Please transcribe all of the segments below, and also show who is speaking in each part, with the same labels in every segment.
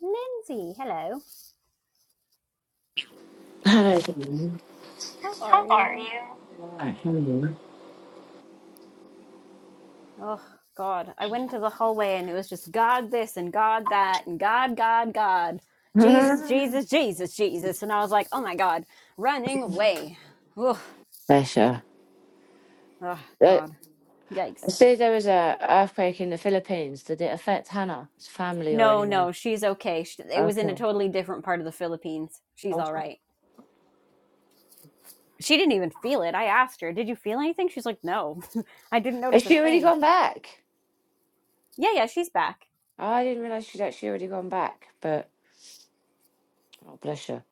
Speaker 1: Lindsay, hello. How are you?
Speaker 2: Pressure.
Speaker 1: Oh, God. I went into the hallway and it was just God this and God that and God, God, God. Jesus, Jesus, Jesus, Jesus. And I was like, oh my God, running away. Oh, oh
Speaker 2: Uh,
Speaker 1: God. Yikes.
Speaker 2: say there was a earthquake in the Philippines. Did it affect Hannah's family or
Speaker 1: No,
Speaker 2: anyone?
Speaker 1: no, she's okay. She, it was in
Speaker 2: Okay.
Speaker 1: a totally different part of the Philippines. She's all
Speaker 2: Awesome.
Speaker 1: right. She didn't even feel it. I asked her, did you feel anything? She's like, no, I didn't
Speaker 2: Has
Speaker 1: notice a
Speaker 2: she already
Speaker 1: thing.
Speaker 2: gone back?
Speaker 1: Yeah, yeah, she's back.
Speaker 2: Oh, I didn't realize she'd actually already gone back. But oh, bless her.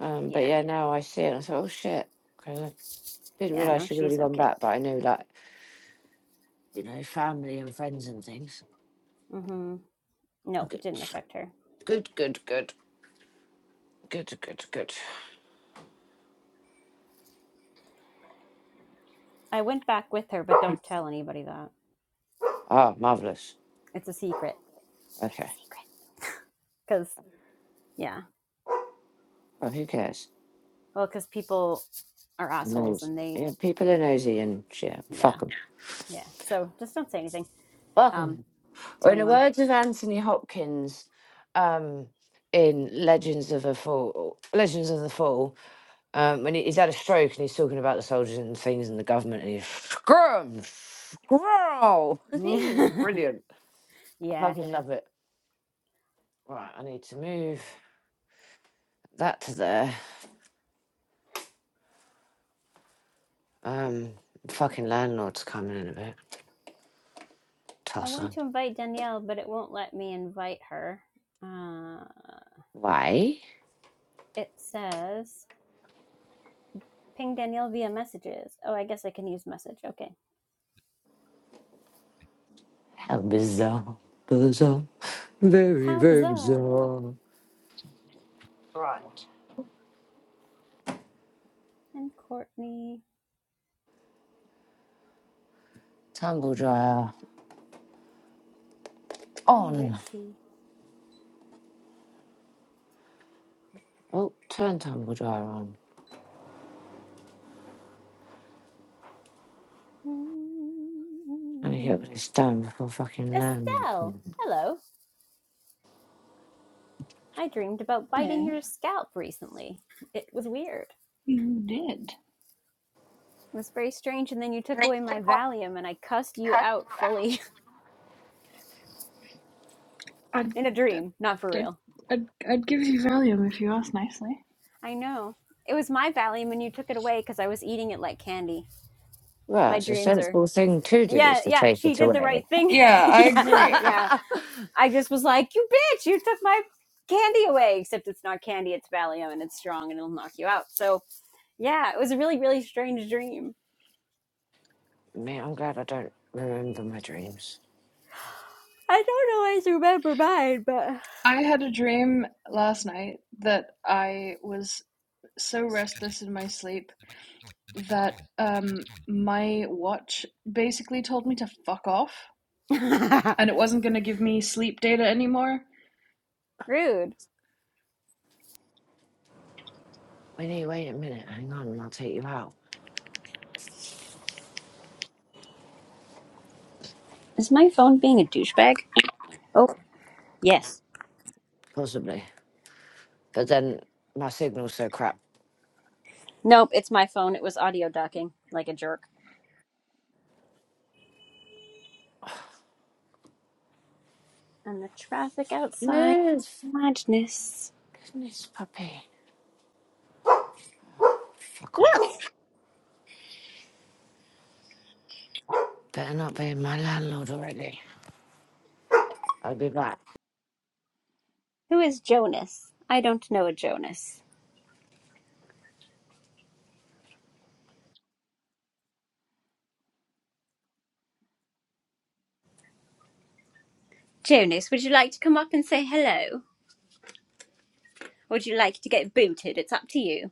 Speaker 2: Um, but
Speaker 1: Yeah.
Speaker 2: yeah, now I see it. And I thought, oh shit, because I didn't
Speaker 1: Yeah,
Speaker 2: realize
Speaker 1: no,
Speaker 2: she'd already
Speaker 1: she's
Speaker 2: gone
Speaker 1: okay.
Speaker 2: back. But I knew that you know, family and friends and things.
Speaker 1: Mm-hmm. No, it
Speaker 2: Good,
Speaker 1: didn't affect her.
Speaker 2: good, good, good, good, good, good.
Speaker 1: I went back with her, but don't tell anybody that.
Speaker 2: Ah, marvelous.
Speaker 1: It's a secret. It's a secret.
Speaker 2: Okay.
Speaker 1: Because, yeah.
Speaker 2: Well, who cares?
Speaker 1: Well, because people are assholes
Speaker 2: Nosy.
Speaker 1: and they,
Speaker 2: Yeah, people are nosy and shit.
Speaker 1: yeah.
Speaker 2: Fuck 'em.
Speaker 1: Yeah. So just don't say anything
Speaker 2: Fuck
Speaker 1: um,
Speaker 2: 'em.
Speaker 1: to
Speaker 2: Or in the
Speaker 1: anyone.
Speaker 2: words of Anthony Hopkins, um, in Legends of the Fall, Legends of the Fall, um, when he, he's had a stroke and he's talking about the soldiers and things and the government and he's screw 'em, screw 'em." He's brilliant. I
Speaker 1: yeah.
Speaker 2: fucking love it. Right, I need to move that to there. Um, fucking landlord's coming in a bit.
Speaker 1: I
Speaker 2: Toss
Speaker 1: went
Speaker 2: on.
Speaker 1: to invite Danielle, but it won't let me invite her. Uh,
Speaker 2: Why?
Speaker 1: it says ping Danielle via messages. Oh, I guess I can use message. Okay.
Speaker 2: How bizarre, bizarre, very,
Speaker 1: How
Speaker 2: very
Speaker 1: bizarre.
Speaker 2: bizarre. Right.
Speaker 1: And Courtney
Speaker 2: Tumble dryer
Speaker 1: and
Speaker 2: on.
Speaker 1: Richie.
Speaker 2: Oh, turn tumble dryer on. Let me
Speaker 1: Mm-hmm.
Speaker 2: get what it's done before fucking land.
Speaker 1: Estelle, hello. I dreamed about biting
Speaker 3: No,
Speaker 1: your scalp recently. It was weird.
Speaker 3: you did.
Speaker 1: It was very strange, and then you took away my Valium and I cussed you out fully
Speaker 3: I'd,
Speaker 1: in a
Speaker 3: I'd,
Speaker 1: dream, not for
Speaker 3: I'd,
Speaker 1: real.
Speaker 3: I'd give you Valium if you asked nicely.
Speaker 1: I know. It was my Valium and you took it away because I was eating it like candy.
Speaker 2: Well,
Speaker 1: My
Speaker 2: it's a
Speaker 1: dreams are.
Speaker 2: sensible thing to do
Speaker 1: Yeah,
Speaker 2: is to
Speaker 1: yeah,
Speaker 2: take
Speaker 1: she
Speaker 2: it
Speaker 1: did the
Speaker 2: away.
Speaker 1: right thing.
Speaker 3: Yeah, I
Speaker 1: yeah,
Speaker 3: agree.
Speaker 1: yeah. I just was like, you bitch, you took my candy away, except it's not candy, it's Valium and it's strong and it'll knock you out. So, yeah, it was a really, really strange dream.
Speaker 2: Man, I'm glad I don't remember my dreams.
Speaker 1: I don't always remember mine,
Speaker 3: I had a dream last night that I was so restless in my sleep that um, my watch basically told me to fuck off
Speaker 1: but
Speaker 3: and it wasn't going to give me sleep data anymore.
Speaker 1: rude.
Speaker 2: Winnie, wait a minute, hang on, and I'll take you out.
Speaker 1: Is my phone being a douchebag? Oh, Yes.
Speaker 2: Possibly. But then my signal's so crap.
Speaker 1: Nope, it's my phone. It was audio ducking like a jerk. And the traffic outside is
Speaker 2: Move!
Speaker 1: madness.
Speaker 2: Goodness, puppy. Fuck off.
Speaker 1: yes.
Speaker 2: Better not be my landlord already. I'll be back.
Speaker 1: Who is Jonas? I don't know a Jonas. Jonas, would you like to come up and say hello? Or would you like to get booted? It's up to you.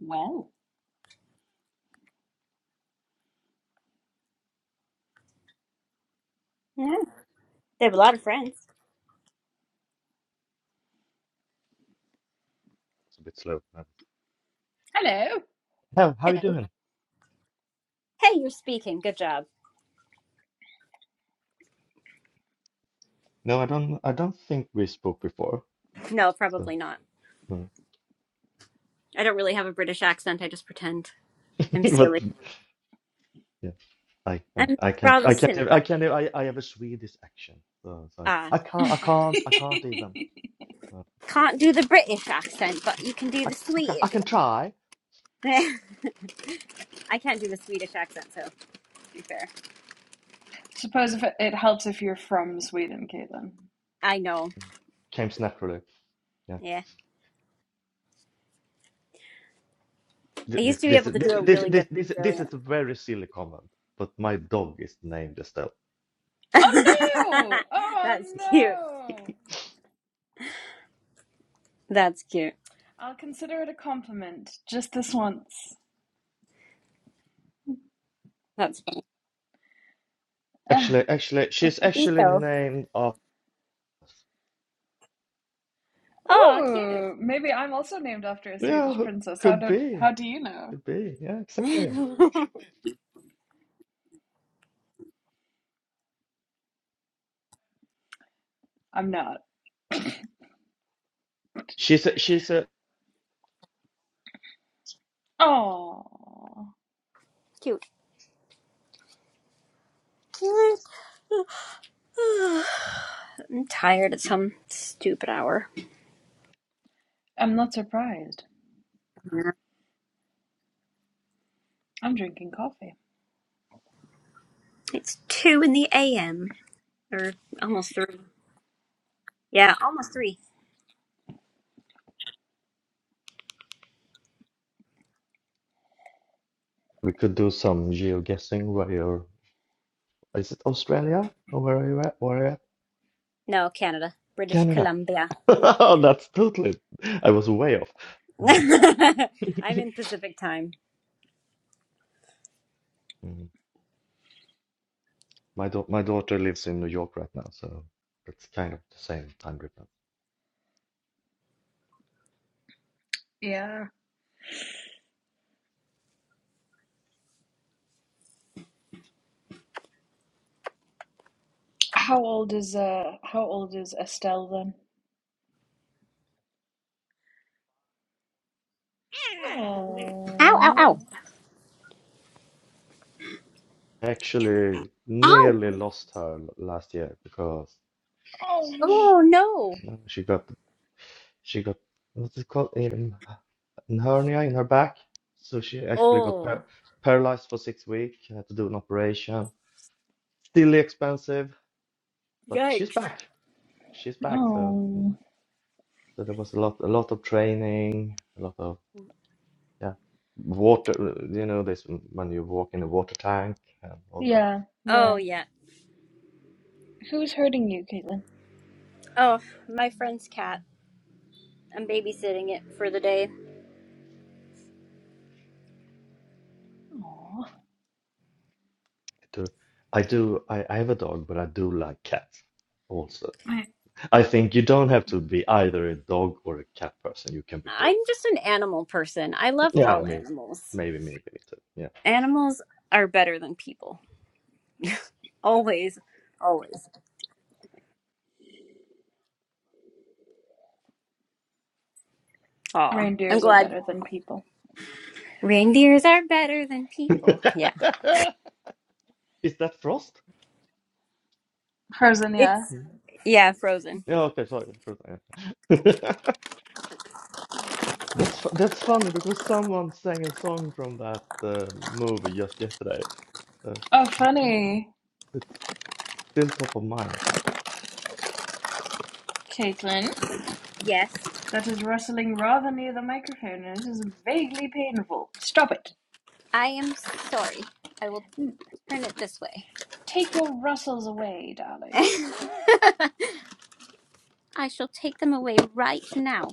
Speaker 3: Well,
Speaker 1: Yeah. They have a lot of friends.
Speaker 4: It's a bit slow. Uh,
Speaker 3: Hello.
Speaker 4: How how you
Speaker 1: Hello.
Speaker 4: doing?
Speaker 1: Hey, you're speaking. Good job.
Speaker 4: No, I don't. I don't think we spoke before.
Speaker 1: No,
Speaker 4: So,
Speaker 1: probably not.
Speaker 4: uh,
Speaker 1: I don't really have a British accent. I just pretend. I'm
Speaker 4: but
Speaker 1: silly.
Speaker 4: yeah, I uh,
Speaker 1: I'm
Speaker 4: I can't.
Speaker 1: rather
Speaker 4: I can't.
Speaker 1: silly
Speaker 4: Have, I
Speaker 1: like that.
Speaker 4: can't. Have, I I have a Swedish accent. So it's like
Speaker 1: Ah,
Speaker 4: I can't. I
Speaker 1: I
Speaker 4: can't. I can't even. Uh,
Speaker 1: can't do the British accent, but you can do
Speaker 4: I
Speaker 1: the
Speaker 4: I can, I
Speaker 1: Swedish
Speaker 4: can
Speaker 1: one.
Speaker 4: try.
Speaker 1: I can't do the Swedish accent, so to be fair.
Speaker 3: Suppose if it, it helps if you're from Sweden, Caitlin.
Speaker 1: I know.
Speaker 4: Came naturally. Yeah.
Speaker 1: Yeah.
Speaker 4: Th-
Speaker 1: I
Speaker 4: This
Speaker 1: used to be
Speaker 4: this
Speaker 1: able to do
Speaker 4: this
Speaker 1: a
Speaker 4: this
Speaker 1: really
Speaker 4: this
Speaker 1: good
Speaker 4: this this
Speaker 1: Australian.
Speaker 4: is a very silly comment. But my dog is named Estelle.
Speaker 3: Oh no! Oh
Speaker 1: That's cute.
Speaker 3: no!
Speaker 1: That's cute.
Speaker 3: I'll consider it a compliment just this once.
Speaker 1: That's fun.
Speaker 3: Ah.
Speaker 4: Actually, actually, she's actually
Speaker 1: Ito.
Speaker 4: named. Uh,
Speaker 1: Oh, cute.
Speaker 3: Ooh, maybe I'm also named after a
Speaker 4: yeah,
Speaker 3: Swedish princess. How
Speaker 4: could
Speaker 3: do how
Speaker 4: be.
Speaker 3: do you know?
Speaker 4: Could be. Yeah, exactly.
Speaker 3: I'm not.
Speaker 4: She's a, she's a
Speaker 3: Oh,
Speaker 1: cute. Cute. I'm tired at some stupid hour.
Speaker 3: I'm not surprised. I'm drinking coffee.
Speaker 1: It's 2 in the AM. Or almost 3. Yeah, almost 3.
Speaker 4: We could do some geoguessing. guessing where you're. Is it Australia or where are you at? Where are you at?
Speaker 1: No, Canada, British
Speaker 4: Canada.
Speaker 1: Columbia.
Speaker 4: Oh, that's totally. I was way off.
Speaker 1: I'm
Speaker 4: Yeah.
Speaker 1: in Pacific time.
Speaker 4: Mm. My da my daughter lives in New York right now, so it's kind of the same time difference.
Speaker 3: Yeah. How old is uh how old is Estelle then?
Speaker 1: Ow, ow,
Speaker 3: Oh,
Speaker 1: ow.
Speaker 4: I actually
Speaker 1: Ow!
Speaker 4: nearly lost her l- last year because
Speaker 3: oh,
Speaker 4: she,
Speaker 1: Oh, no.
Speaker 4: she got she got what's it called? Um, An hernia in her back, so she actually got
Speaker 1: Oh,
Speaker 4: par paralyzed for six weeks. She Had to do an operation. Still expensive, but she's
Speaker 1: yikes.
Speaker 4: back. She's back. So, mm,
Speaker 3: oh.
Speaker 4: so there was a lot, a lot of training, a lot of yeah, water. You know, this mm, when you walk in a water tank and all that.
Speaker 3: Yeah,
Speaker 4: I
Speaker 1: Oh,
Speaker 3: yeah.
Speaker 1: yeah.
Speaker 3: Who's hurting you, Caitlin?
Speaker 1: Oh, my friend's cat. I'm babysitting it for the day.
Speaker 3: Oh,
Speaker 4: do, I do. I, I have a dog, but I do like cats also.
Speaker 3: I,
Speaker 4: I think you don't have to be either a dog or a cat person. You can be
Speaker 1: I'm
Speaker 4: both.
Speaker 1: just an animal person. I love
Speaker 4: Yeah,
Speaker 1: all
Speaker 4: me,
Speaker 1: animals.
Speaker 4: maybe, maybe me too. Yeah.
Speaker 1: Animals are better than people. Always. Always. Aw. I'm
Speaker 3: reindeers are
Speaker 1: glad.
Speaker 3: better than people.
Speaker 1: Reindeers are better than people. Yeah.
Speaker 4: Is that Frost?
Speaker 3: Frozen, yeah.
Speaker 1: It's,
Speaker 4: Mm.
Speaker 1: yeah, frozen.
Speaker 4: Yeah. Okay. Sorry. Frost, yeah. That's fu that's funny because someone sang a song from that uh, movie just yesterday. So
Speaker 3: Oh, funny,
Speaker 4: it's still top of mind.
Speaker 3: Caitlin.
Speaker 1: Yes.
Speaker 3: That is rustling rather near the microphone and it is vaguely painful. Stop it.
Speaker 1: I am sorry. I will. Turn it this way.
Speaker 3: Take your rustles away, darling.
Speaker 1: I shall take them away right now.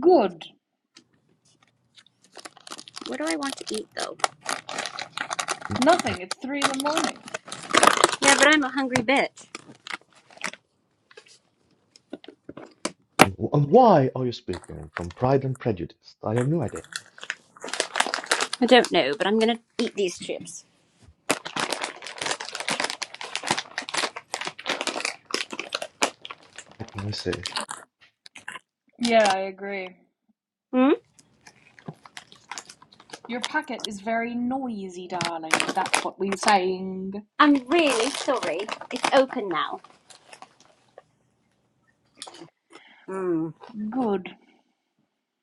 Speaker 3: Good.
Speaker 1: What do I want to eat though?
Speaker 3: Nothing. It's three in the morning.
Speaker 1: Yeah, but I'm a hungry bitch.
Speaker 4: And why are you speaking from Pride and Prejudice? I have no idea.
Speaker 1: I don't know, but I'm gonna eat these chips.
Speaker 4: Let me see.
Speaker 3: Yeah, I agree.
Speaker 1: Hmm?
Speaker 3: Your packet is very noisy, darling. That's what we're saying.
Speaker 1: I'm really sorry. It's open now. Hmm.
Speaker 3: Good.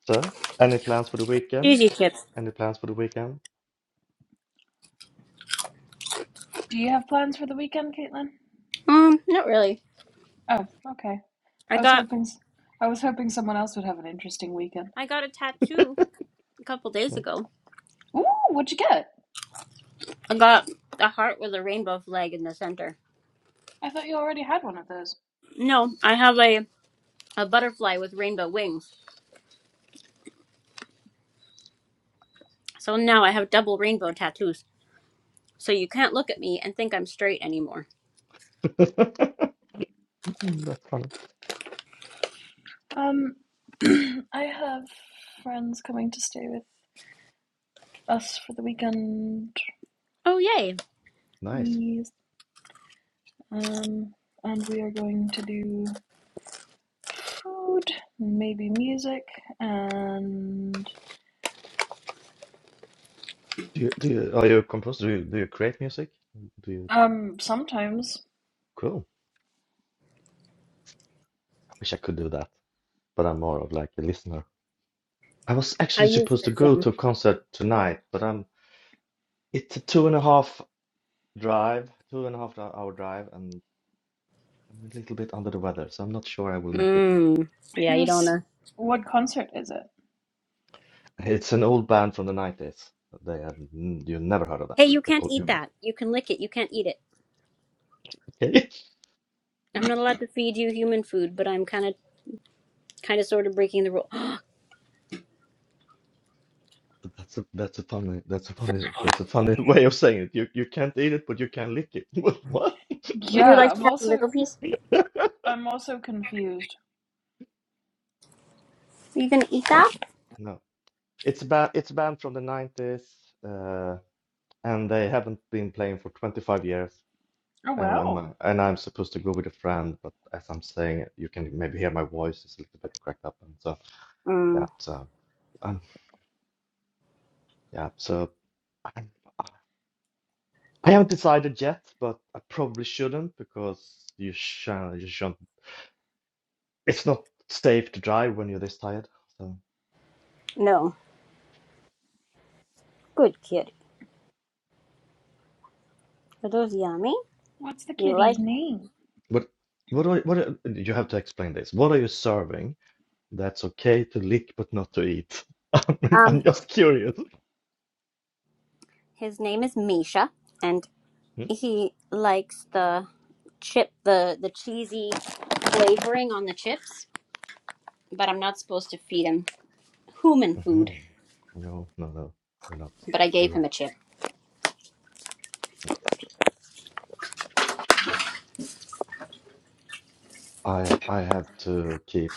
Speaker 4: So, any plans for the weekend?
Speaker 1: Cheesy chips.
Speaker 4: Any plans for the weekend?
Speaker 3: Do you have plans for the weekend, Caitlin?
Speaker 1: Um, not really.
Speaker 3: Oh, okay.
Speaker 1: I
Speaker 3: I was
Speaker 1: got
Speaker 3: hoping I was hoping someone else would have an interesting weekend.
Speaker 1: I got a tattoo a couple days
Speaker 4: Yeah.
Speaker 1: ago.
Speaker 3: Ooh, what'd you get?
Speaker 1: I got a heart with a rainbow flag in the center.
Speaker 3: I thought you already had one of those.
Speaker 1: No, I have a a butterfly with rainbow wings. So now I have double rainbow tattoos. So you can't look at me and think I'm straight anymore.
Speaker 4: That's funny.
Speaker 3: Um, I have friends coming to stay with us for the weekend.
Speaker 1: Oh, yay.
Speaker 4: Nice.
Speaker 3: Yes. Um, and we are going to do food, maybe music, and
Speaker 4: Do you, do you, are you a composer? Do you, do you create music? Do you?
Speaker 3: um, sometimes
Speaker 4: Cool. I wish I could do that, but I'm more of like a listener. I was
Speaker 1: I
Speaker 4: actually
Speaker 1: use
Speaker 4: supposed to
Speaker 1: this
Speaker 4: go
Speaker 1: thing.
Speaker 4: to a concert tonight, but I'm It's a two and a half drive, two and a half hour drive, and I'm a little bit under the weather, so I'm not sure I will make it.
Speaker 1: Mm. Yeah, you don't
Speaker 3: who's
Speaker 1: wanna.
Speaker 3: what concert is it?
Speaker 4: It's an old band from the 90s. They have n- you never heard of them.
Speaker 1: Hey, you
Speaker 4: They
Speaker 1: can't
Speaker 4: call
Speaker 1: eat
Speaker 4: you
Speaker 1: that. You can lick it. You can't eat it.
Speaker 4: okay.
Speaker 1: I'm not allowed to feed you human food, but I'm kind of, kind of, sort of breaking the rule.
Speaker 4: That's a that's a funny that's a funny that's a funny way of saying it. You you can't eat it, but you can lick it. What?
Speaker 1: Would you
Speaker 3: Yeah,
Speaker 1: like to
Speaker 3: I'm
Speaker 1: have a
Speaker 3: also
Speaker 1: little piece?
Speaker 3: I'm also confused.
Speaker 1: Are you gonna eat that?
Speaker 4: No. It's a band it's a band from the 90s, uh, and they haven't been playing for 25 years.
Speaker 3: Oh
Speaker 4: And and my,
Speaker 3: wow,
Speaker 4: and I'm supposed to go with a friend, but as I'm saying it, you can maybe hear my voice is a little bit cracked up, and so yeah,
Speaker 1: Mm.
Speaker 4: so um, yeah, so I, I haven't decided yet, but I probably shouldn't because you shall, you shouldn't. It's not safe to drive when you're this tired. So,
Speaker 1: No. Good kid. Are those yummy?
Speaker 3: what's the
Speaker 1: You
Speaker 3: kitty's
Speaker 1: like?
Speaker 3: name?
Speaker 4: but what are what are, you have to explain this? What are you serving that's okay to lick but not to eat? I mean, I'm
Speaker 1: Um,
Speaker 4: just curious.
Speaker 1: his name is Misha, and
Speaker 4: hmm
Speaker 1: he likes the chip, the the cheesy flavoring on the chips. But I'm not supposed to feed him human food.
Speaker 4: Mhm. No, no, no, you're not.
Speaker 1: But I
Speaker 4: You're
Speaker 1: gave
Speaker 4: right.
Speaker 1: him a chip.
Speaker 4: I I have to keep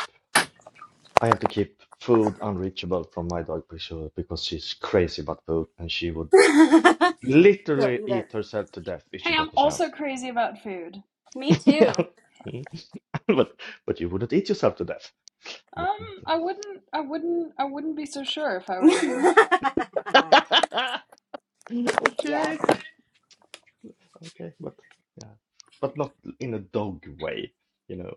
Speaker 4: I have to keep food unreachable from my dog Priscilla because she's crazy about food and she would
Speaker 1: Still
Speaker 4: literally
Speaker 1: eat it.
Speaker 4: eat herself to death if she
Speaker 3: Hey,
Speaker 4: got
Speaker 3: I'm
Speaker 4: the
Speaker 3: also
Speaker 4: chance.
Speaker 3: crazy about food.
Speaker 1: Me too.
Speaker 4: Mm. But but you wouldn't eat yourself to death. But-
Speaker 3: Um, I wouldn't, I wouldn't, I wouldn't be so sure if I were you.
Speaker 1: yeah.
Speaker 4: Okay, okay, but yeah, but not in a dog way, you know.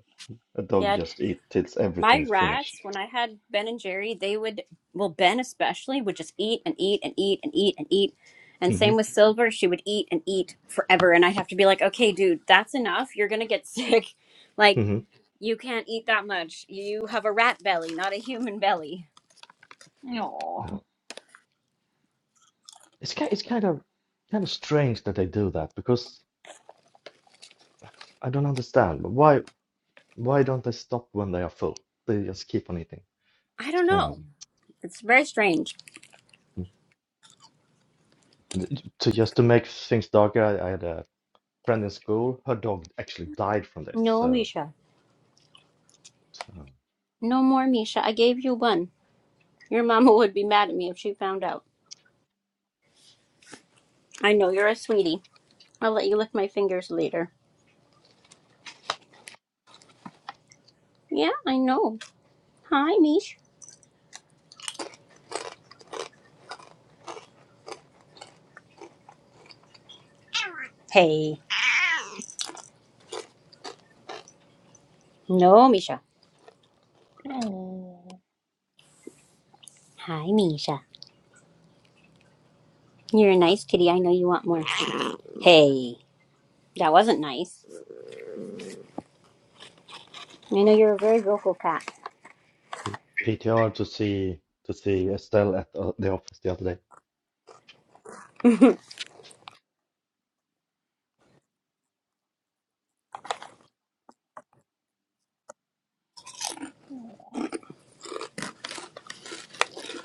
Speaker 4: A dog
Speaker 1: Yeah,
Speaker 4: just eat till
Speaker 1: my
Speaker 4: everything's finished.
Speaker 1: rats, when I had Ben and Jerry, they would, well, Ben especially, would just eat and eat and eat and eat and eat. And
Speaker 4: hmm
Speaker 1: same with Silver, she would eat and eat forever. And i have to be like, okay, dude, that's enough. You're going to get sick. Like,
Speaker 4: hmm
Speaker 1: you can't eat that much. You have a rat belly, not a human belly.
Speaker 3: No.
Speaker 4: No. It's kind it's kind of kind of strange that they do that because. I don't understand. But why why don't they stop when they are full? They just keep on eating.
Speaker 1: I
Speaker 4: It's
Speaker 1: don't
Speaker 4: kind of
Speaker 1: know. It's very strange.
Speaker 4: to just to make things darker. I, I had a friend in school. Her dog actually died from this.
Speaker 1: No,
Speaker 4: So
Speaker 1: Misha.
Speaker 4: um,
Speaker 1: No more, Misha. I gave you one. Your mama would be mad at me if she found out. I know you're a sweetie. I'll let you lick my fingers later. Yeah, I know. Hi, Misha. Hey. No, Misha.
Speaker 3: Oh.
Speaker 1: Hi, Misha. You're a nice kitty. I know you want more. Hey. That wasn't nice. I know you're a very vocal cat.
Speaker 4: P PTR to see to see Estelle at uh, the office the other day.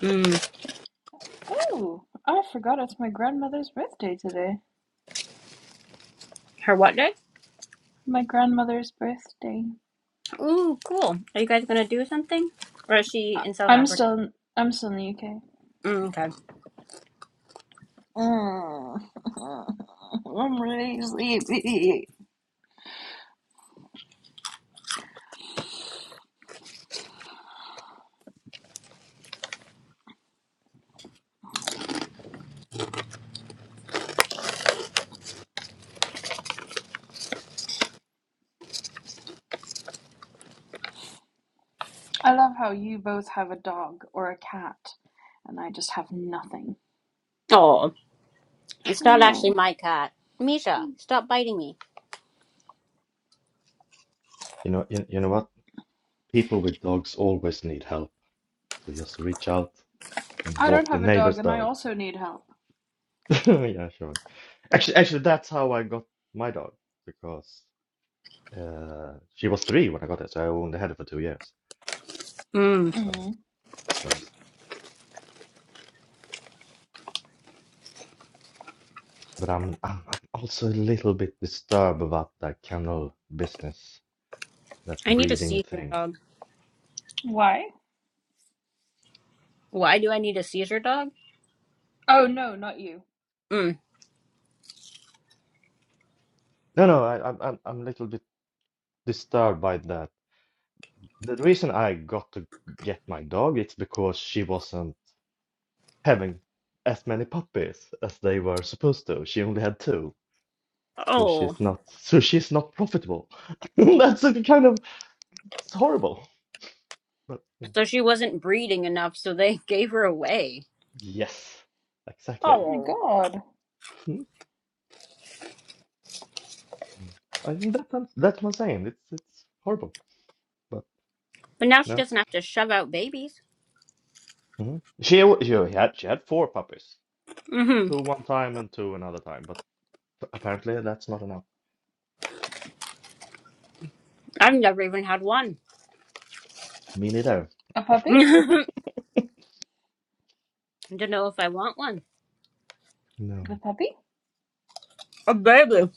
Speaker 1: Mm.
Speaker 3: Oh, I forgot it's my grandmother's birthday today.
Speaker 1: Her what day?
Speaker 3: My grandmother's birthday.
Speaker 1: Ooh, cool. Are you guys gonna do something? Or is she
Speaker 3: I
Speaker 1: in South
Speaker 3: I'm
Speaker 1: Africa?
Speaker 3: still in, I'm still in the UK.
Speaker 1: Mm, okay.
Speaker 3: Mm. I'm really sleepy. I love how you both have a dog or a cat, and I just have nothing.
Speaker 1: Oh, it's
Speaker 3: I
Speaker 1: not actually
Speaker 3: know.
Speaker 1: my cat. Misha, stop biting me.
Speaker 4: You know you, you know what? People with dogs always need help. So just reach out and
Speaker 3: I don't
Speaker 4: walk your
Speaker 3: have a dog,
Speaker 4: neighbor's
Speaker 3: and I
Speaker 4: dog.
Speaker 3: also need help.
Speaker 4: yeah, sure. Actually, actually, that's how I got my dog because. Uh, she was three when I got it, so I only had it for two years.
Speaker 1: Mm.
Speaker 4: So,
Speaker 3: Mm.
Speaker 4: so but I'm, I'm I'm also a little bit disturbed about that kennel business, that
Speaker 1: I need a
Speaker 4: breeding
Speaker 1: seizure
Speaker 4: thing.
Speaker 1: dog.
Speaker 3: Why?
Speaker 1: Why do I need a seizure dog?
Speaker 3: Oh no, not you.
Speaker 1: Mm.
Speaker 4: No, no, I, I'm I'm I'm a little bit disturbed by that. The reason I got to get my dog, it's because she wasn't having as many puppies as they were supposed to. She only had two, so
Speaker 1: Oh,
Speaker 4: she's not so she's not profitable. That's a kind of it's horrible, but yeah.
Speaker 1: so she wasn't breeding enough, so they gave her away.
Speaker 4: Yes, exactly.
Speaker 3: Oh my
Speaker 1: Oh.
Speaker 3: god.
Speaker 4: Mm. Mm. I think that that's that's what I'm saying. It's it's horrible, but
Speaker 1: But now she
Speaker 4: no.
Speaker 1: doesn't have to shove out babies.
Speaker 4: hmm She w- she had she had four puppies,
Speaker 1: hmm
Speaker 4: two one time and two another time, but apparently that's not enough.
Speaker 1: I've never even had one.
Speaker 4: Me neither.
Speaker 3: A puppy?
Speaker 1: Don't know if I want one.
Speaker 4: No.
Speaker 3: The puppy?
Speaker 1: A baby.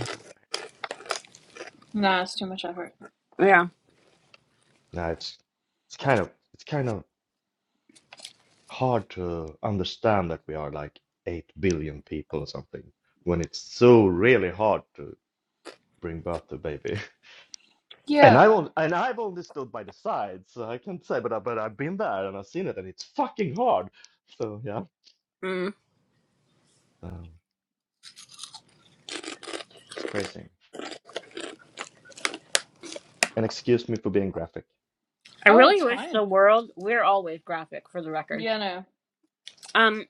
Speaker 4: No, it's
Speaker 3: Nah, it's too much effort.
Speaker 1: Yeah.
Speaker 4: No, it's it's kind of it's kind of hard to understand that we are like eight billion people or something when it's so really hard to bring birth to a baby. And I
Speaker 3: Yeah.
Speaker 4: won't, and I've only stood by the side, so I can't say, but I, but I've been there and I've seen it, and it's fucking hard. So yeah,
Speaker 1: Mm.
Speaker 4: um, that's crazy. And excuse me for being graphic,
Speaker 1: I
Speaker 3: Oh,
Speaker 1: really
Speaker 3: it's
Speaker 1: wish
Speaker 3: fine.
Speaker 1: the world. We're always graphic, for the record.
Speaker 3: Yeah, no.
Speaker 1: Um,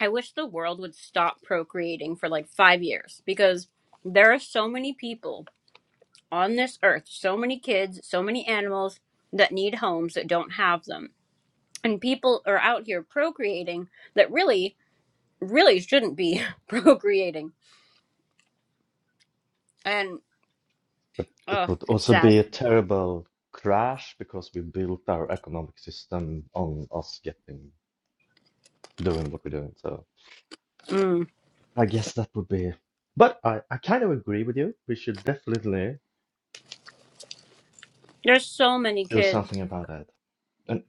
Speaker 1: I wish the world would stop procreating for like five years because there are so many people on this earth, so many kids, so many animals that need homes that don't have them and people are out here procreating that really really shouldn't be procreating and
Speaker 4: but it
Speaker 1: oh
Speaker 4: would
Speaker 1: it's
Speaker 4: also
Speaker 1: sad
Speaker 4: be a terrible crash because we built our economic system on us getting doing what we're doing. So
Speaker 1: mm.
Speaker 4: I guess that would be. But I, I kind of agree with you. We should definitely
Speaker 1: there's so many
Speaker 4: do
Speaker 1: kids
Speaker 4: something about that. And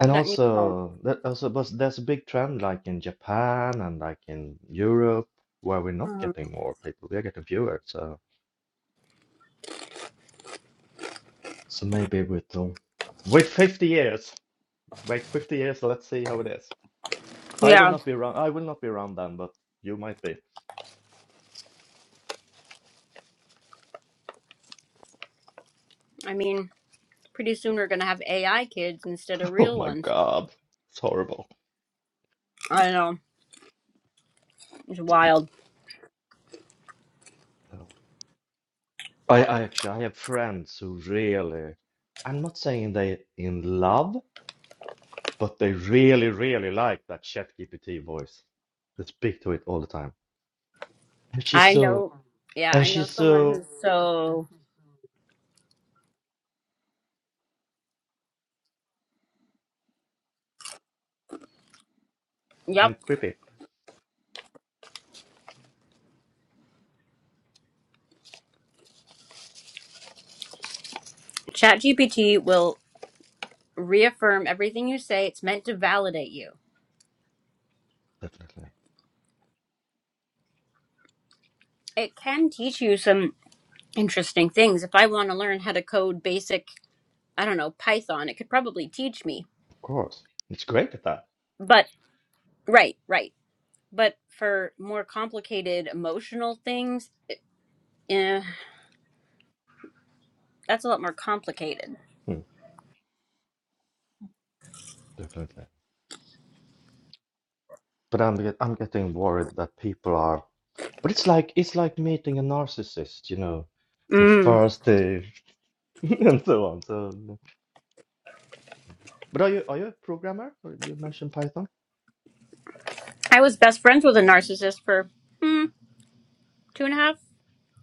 Speaker 4: And
Speaker 1: that need homes
Speaker 4: also that also but there's a big trend like in Japan and like in Europe where we're not
Speaker 1: Mhm.
Speaker 4: getting more people, we are getting fewer. So so maybe we'll wait 50 years. Wait 50 years, let's see how it is. I will
Speaker 1: yeah
Speaker 4: not be around I will not be around then, but you might be.
Speaker 1: i mean pretty soon we're gonna have ai kids instead of
Speaker 4: Oh
Speaker 1: real
Speaker 4: my
Speaker 1: ones
Speaker 4: God. It's horrible.
Speaker 1: i know it's wild
Speaker 4: No. I, I actually I have friends who really I'm not saying they in love, but they really, really like that ChatGPT voice. They speak to it all the time. And she's
Speaker 1: i
Speaker 4: so
Speaker 1: know yeah
Speaker 4: and
Speaker 1: i know
Speaker 4: she's
Speaker 1: someone
Speaker 4: so
Speaker 1: who's so yep
Speaker 4: and creepy.
Speaker 1: ChatGPT will reaffirm everything you say it's meant to validate you
Speaker 4: Definitely.
Speaker 1: it can teach you some interesting things if i want to learn how to code basic I don't know, Python. It could probably teach me.
Speaker 4: Of course. It's great at that.
Speaker 1: But right, right. But for more complicated emotional things, eh, that's a lot more complicated.
Speaker 4: Hmm, definitely. But I'm get, I'm getting worried that people are but it's like it's like meeting a narcissist, you know, who
Speaker 1: Mm.
Speaker 4: thirsty and so on. So but are you are you a programmer? Or You mentioned Python?
Speaker 1: I was best friends with a narcissist for hmm, two and a half,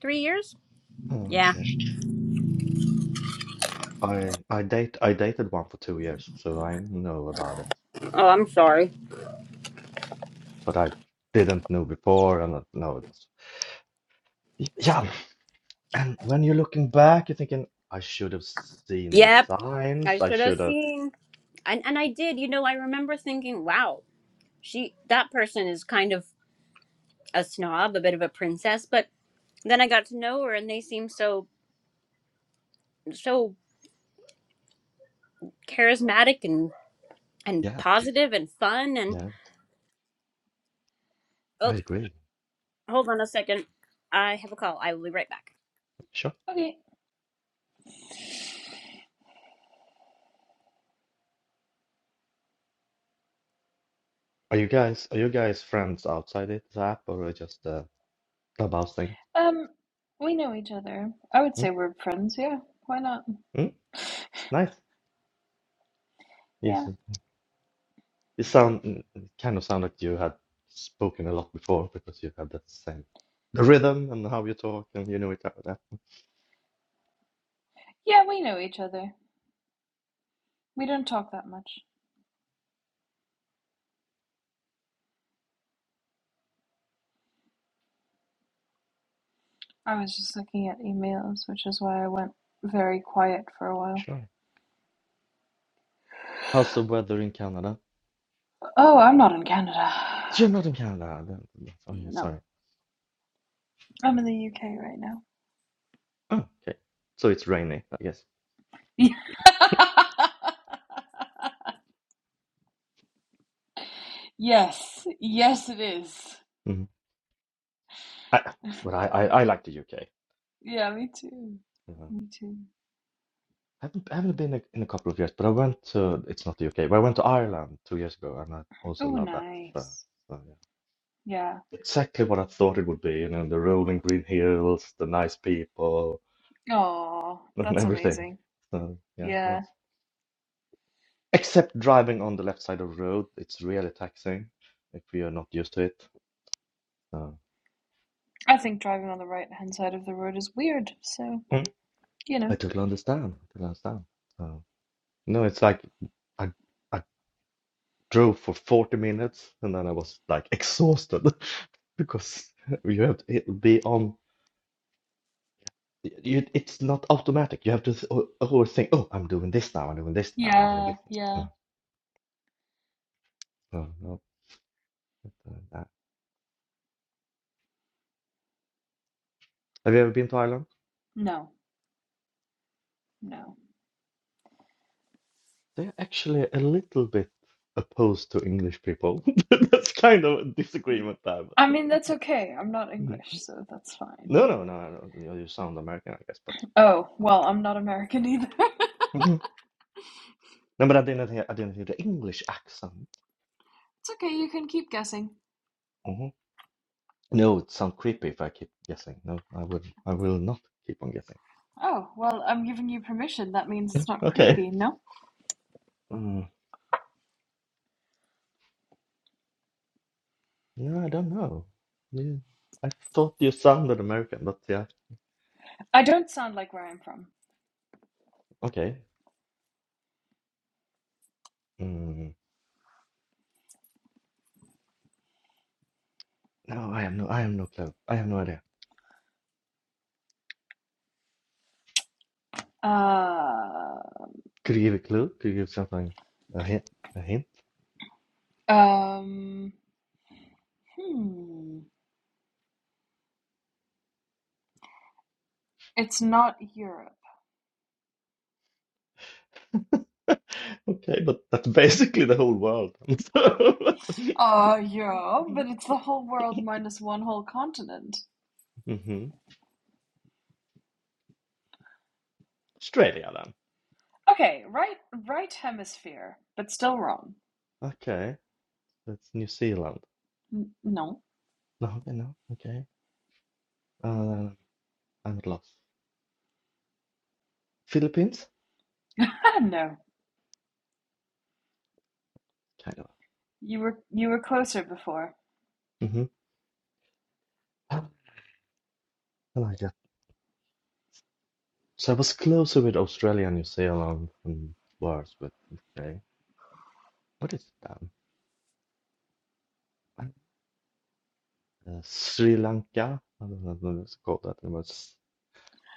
Speaker 1: three years.
Speaker 4: Oh,
Speaker 1: Yeah.
Speaker 4: okay. I I date I dated one for two years, so I know about it.
Speaker 1: Oh, I'm sorry.
Speaker 4: But I didn't know before and I- no it was Y- yeah And when you're looking back, you're thinking, I should have seen the
Speaker 1: Yep.
Speaker 4: signs.
Speaker 1: I
Speaker 4: I
Speaker 1: should have
Speaker 4: should have.
Speaker 1: seen. And, and I did. You know, I remember thinking, wow, she that person is kind of a snob, a bit of a princess. But then I got to know her, and they seem so so charismatic and. and
Speaker 4: Yeah,
Speaker 1: positive and fun and
Speaker 4: yeah,
Speaker 1: oh
Speaker 4: I agree.
Speaker 1: hold on a second i have a call i will be right back
Speaker 4: Sure.
Speaker 3: Okay.
Speaker 4: Are you guys are you guys friends outside it, the app or just a clubhouse thing?
Speaker 3: Um, we know each other. I would
Speaker 4: Hmm?
Speaker 3: say we're friends, yeah. Why not?
Speaker 4: Hmm? Nice.
Speaker 3: Yeah.
Speaker 4: Yes. You sound mm, it kind of sound like you had spoken a lot before because you have that same the rhythm and how you talk and you know it out there.
Speaker 3: Yeah, we know each other. We don't talk that much. I was just looking at emails, which is why I went very quiet for a while.
Speaker 4: Sure. How's the weather in Canada?
Speaker 3: Oh, I'm not in Canada.
Speaker 4: You're not in Canada. then- Oh yeah,
Speaker 3: No.
Speaker 4: sorry.
Speaker 3: I'm in the UK right now.
Speaker 4: Oh, okay. So it's rainy, I guess.
Speaker 3: Yes. Yes, it is.
Speaker 4: Mm-hmm. I, but I, I, I like the UK.
Speaker 3: Yeah, me too.
Speaker 4: Um,
Speaker 3: Me too.
Speaker 4: I haven't, I haven't been a, in a couple of years, but I went to, it's not the UK, but I went to Ireland two years ago and I also
Speaker 3: Oh,
Speaker 4: love that. So,
Speaker 3: nice.
Speaker 4: so yeah.
Speaker 3: Yeah.
Speaker 4: Exactly what I thought it would be, you know, the rolling green hills, the nice people,
Speaker 3: Oh,
Speaker 4: and
Speaker 3: that's
Speaker 4: everything.
Speaker 3: amazing.
Speaker 4: So yeah, it
Speaker 3: Yeah.
Speaker 4: was. Except driving on the left side of the road, it's really taxing if you're not used to it. So
Speaker 3: I think driving on the right hand side of the road is weird, so,
Speaker 4: mm,
Speaker 3: you
Speaker 4: I
Speaker 3: know.
Speaker 4: totally understand. I totally understand. So no, it's like I, I drove for 40 minutes and then I was like exhausted because you have to be on you, it's not automatic. You have to always think, oh, I'm doing this now, I'm doing this now, I'm doing
Speaker 3: Yeah,
Speaker 4: this
Speaker 3: yeah.
Speaker 4: now. No, no, no, not Have you ever been to Ireland?
Speaker 3: No, no.
Speaker 4: They're actually a little bit opposed to English people. That's kind of a disagreement there.
Speaker 3: I
Speaker 4: But
Speaker 3: mean, that's okay. I'm not
Speaker 4: Mhm.
Speaker 3: English, so that's fine.
Speaker 4: no, no, no, no. You you sound American, I guess, but
Speaker 3: Oh, well, I'm not American either. it's
Speaker 4: Mhm. no, but I didn't hear. I didn't hear the English accent.
Speaker 3: okay, you can keep guessing.
Speaker 4: Oh. No, it sounds creepy if I keep guessing. No, I would I will not keep on guessing.
Speaker 3: Oh, well, I'm giving you permission. That means it's not
Speaker 4: Okay.
Speaker 3: creepy, no?
Speaker 4: Mm, yeah, I don't know. Yeah, I thought you sounded American, but yeah.
Speaker 3: I don't sound like where I'm from.
Speaker 4: Okay. Mm, no, I have no I have no clue. I have no idea.
Speaker 3: Uh,
Speaker 4: Could you give a clue? Could you give something a hint? A hint?
Speaker 3: um, hmm. It's not Europe.
Speaker 4: Okay, but that's basically the whole world.
Speaker 3: Oh, yeah, but it's the whole world minus one whole continent.
Speaker 4: So, hmm Australia then.
Speaker 3: Okay, right right hemisphere, but still wrong.
Speaker 4: Okay. That's New Zealand.
Speaker 3: N- no.
Speaker 4: No, okay, no, okay. Uh, I'm at loss. Philippines?
Speaker 3: I don't know.
Speaker 4: Kind of.
Speaker 3: You were you were closer before.
Speaker 4: Mm-hmm. I like that. So I was closer with Australia and New Zealand and worse with okay. What is that? Uh, Sri Lanka? I don't know what it's called that anymore. It's-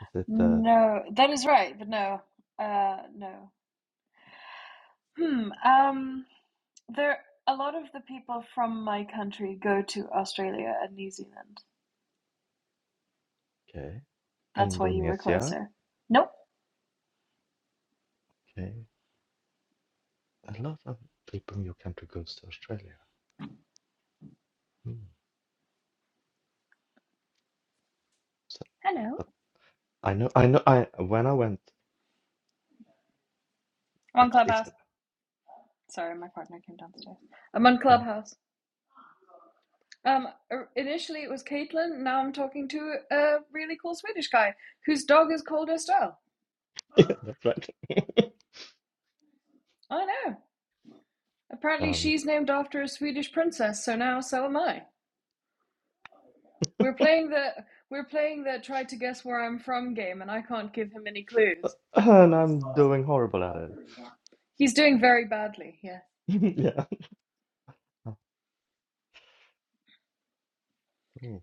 Speaker 4: Is it uh,
Speaker 3: No, that is right, but no. Uh no. Hmm, um there a lot of the people from my country go to Australia and New Zealand.
Speaker 4: okay?
Speaker 3: That's why you were
Speaker 4: Indonesia?
Speaker 3: closer. Nope.
Speaker 4: Okay. A lot of people from your country goes to Australia. Hmm. So,
Speaker 3: Hello.
Speaker 4: but I know, I know, I when I went,
Speaker 3: I'm on
Speaker 4: that's it's
Speaker 3: Clubhouse. Sorry, my partner came downstairs. I'm on
Speaker 4: yeah,
Speaker 3: Clubhouse. Um, uh, initially it was Caitlin. Now I'm talking to a really cool Swedish guy whose dog is called Estelle.
Speaker 4: yeah, that's right.
Speaker 3: I know. Apparently
Speaker 4: um,
Speaker 3: she's named after a Swedish princess, so now so am I. We're playing the we're playing the try to guess where I'm from game, and I can't give him any clues.
Speaker 4: and I'm doing horrible at it.
Speaker 3: He's doing very badly. Yeah.
Speaker 4: yeah. Oh,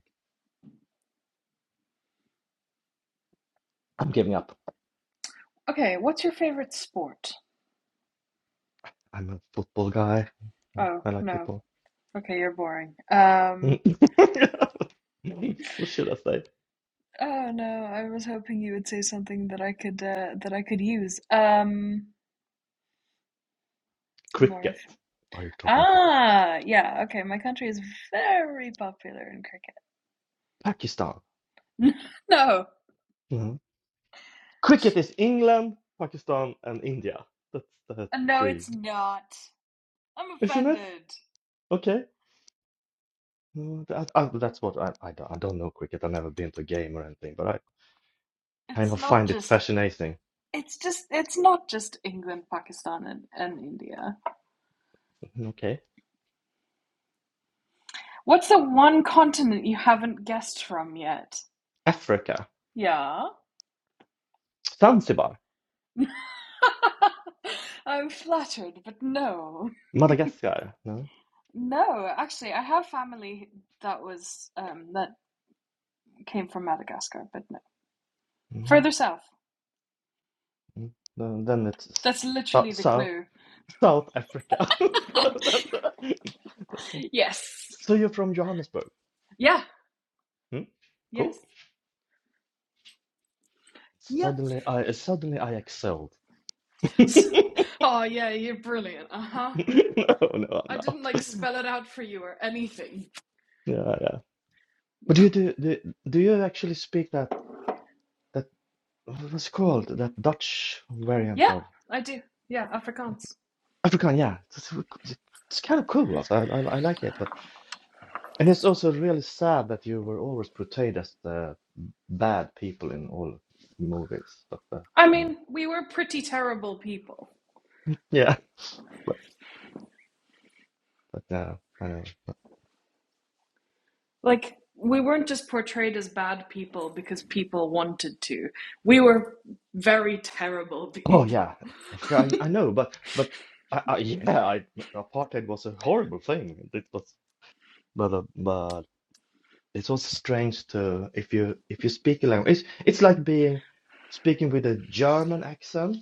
Speaker 4: I'm giving up.
Speaker 3: Okay. What's your favorite sport?
Speaker 4: I'm a football guy. Uh,
Speaker 3: Oh
Speaker 4: I like
Speaker 3: no.
Speaker 4: football.
Speaker 3: Okay, you're boring. Um.
Speaker 4: What should I say?
Speaker 3: Oh no. I was hoping you would say something that I could uh, that I could use. Um. More
Speaker 4: Cricket. Are you talking cricket.
Speaker 3: Ah, yeah, okay. My country is very popular in cricket.
Speaker 4: Pakistan.
Speaker 3: No,
Speaker 4: Mhm. Cricket is England, Pakistan, and India. That's the
Speaker 3: no,
Speaker 4: three,
Speaker 3: it's not. I'm
Speaker 4: isn't it?
Speaker 3: offended.
Speaker 4: Okay. No, that, I, that's what I, I, don't- I don't know cricket. I've never been to a game or anything, but I kind
Speaker 3: It's
Speaker 4: of
Speaker 3: not
Speaker 4: find it
Speaker 3: just
Speaker 4: fascinating.
Speaker 3: it's just it's not just England, Pakistan and, and India.
Speaker 4: Mhm, Okay.
Speaker 3: What's the one continent you haven't guessed from yet?
Speaker 4: Africa.
Speaker 3: Yeah.
Speaker 4: Zanzibar.
Speaker 3: I'm flattered, but no.
Speaker 4: Madagascar. No?
Speaker 3: No, actually I have family that was um that came from Madagascar, but no.
Speaker 4: hmm
Speaker 3: Further south.
Speaker 4: Then, then it's
Speaker 3: That's literally the
Speaker 4: south,
Speaker 3: clue.
Speaker 4: South Africa.
Speaker 3: Yes.
Speaker 4: So you're from Johannesburg.
Speaker 3: Yeah.
Speaker 4: Hmm? Cool.
Speaker 3: Yes. Yep.
Speaker 4: Suddenly I suddenly I excelled. no,
Speaker 3: Oh yeah, you're brilliant. Uh huh.
Speaker 4: no, I'm
Speaker 3: I didn't
Speaker 4: not.
Speaker 3: like spell it out for you or anything.
Speaker 4: Yeah, yeah. But do you do, do do you actually speak that that what's it called that Dutch variant
Speaker 3: Yeah,
Speaker 4: of
Speaker 3: I do. Yeah, Afrikaans.
Speaker 4: Afrikaan? Yeah, it's, it's it's kind of cool. also. I, I I like it, but and it's also really sad that you were always portrayed as the bad people in all movies. But
Speaker 3: I
Speaker 4: that's uh,
Speaker 3: mean, we were pretty terrible people.
Speaker 4: yeah, but but uh, I know.
Speaker 3: Like, we weren't just portrayed as bad people because people wanted to. We were very terrible
Speaker 4: Oh yeah,
Speaker 3: people.
Speaker 4: of cour- I, I know, but but I, I yeah, I, apartheid was a horrible thing. It was, but uh, but it's also strange to if you if you speak a language, it's it's like being speaking with a German accent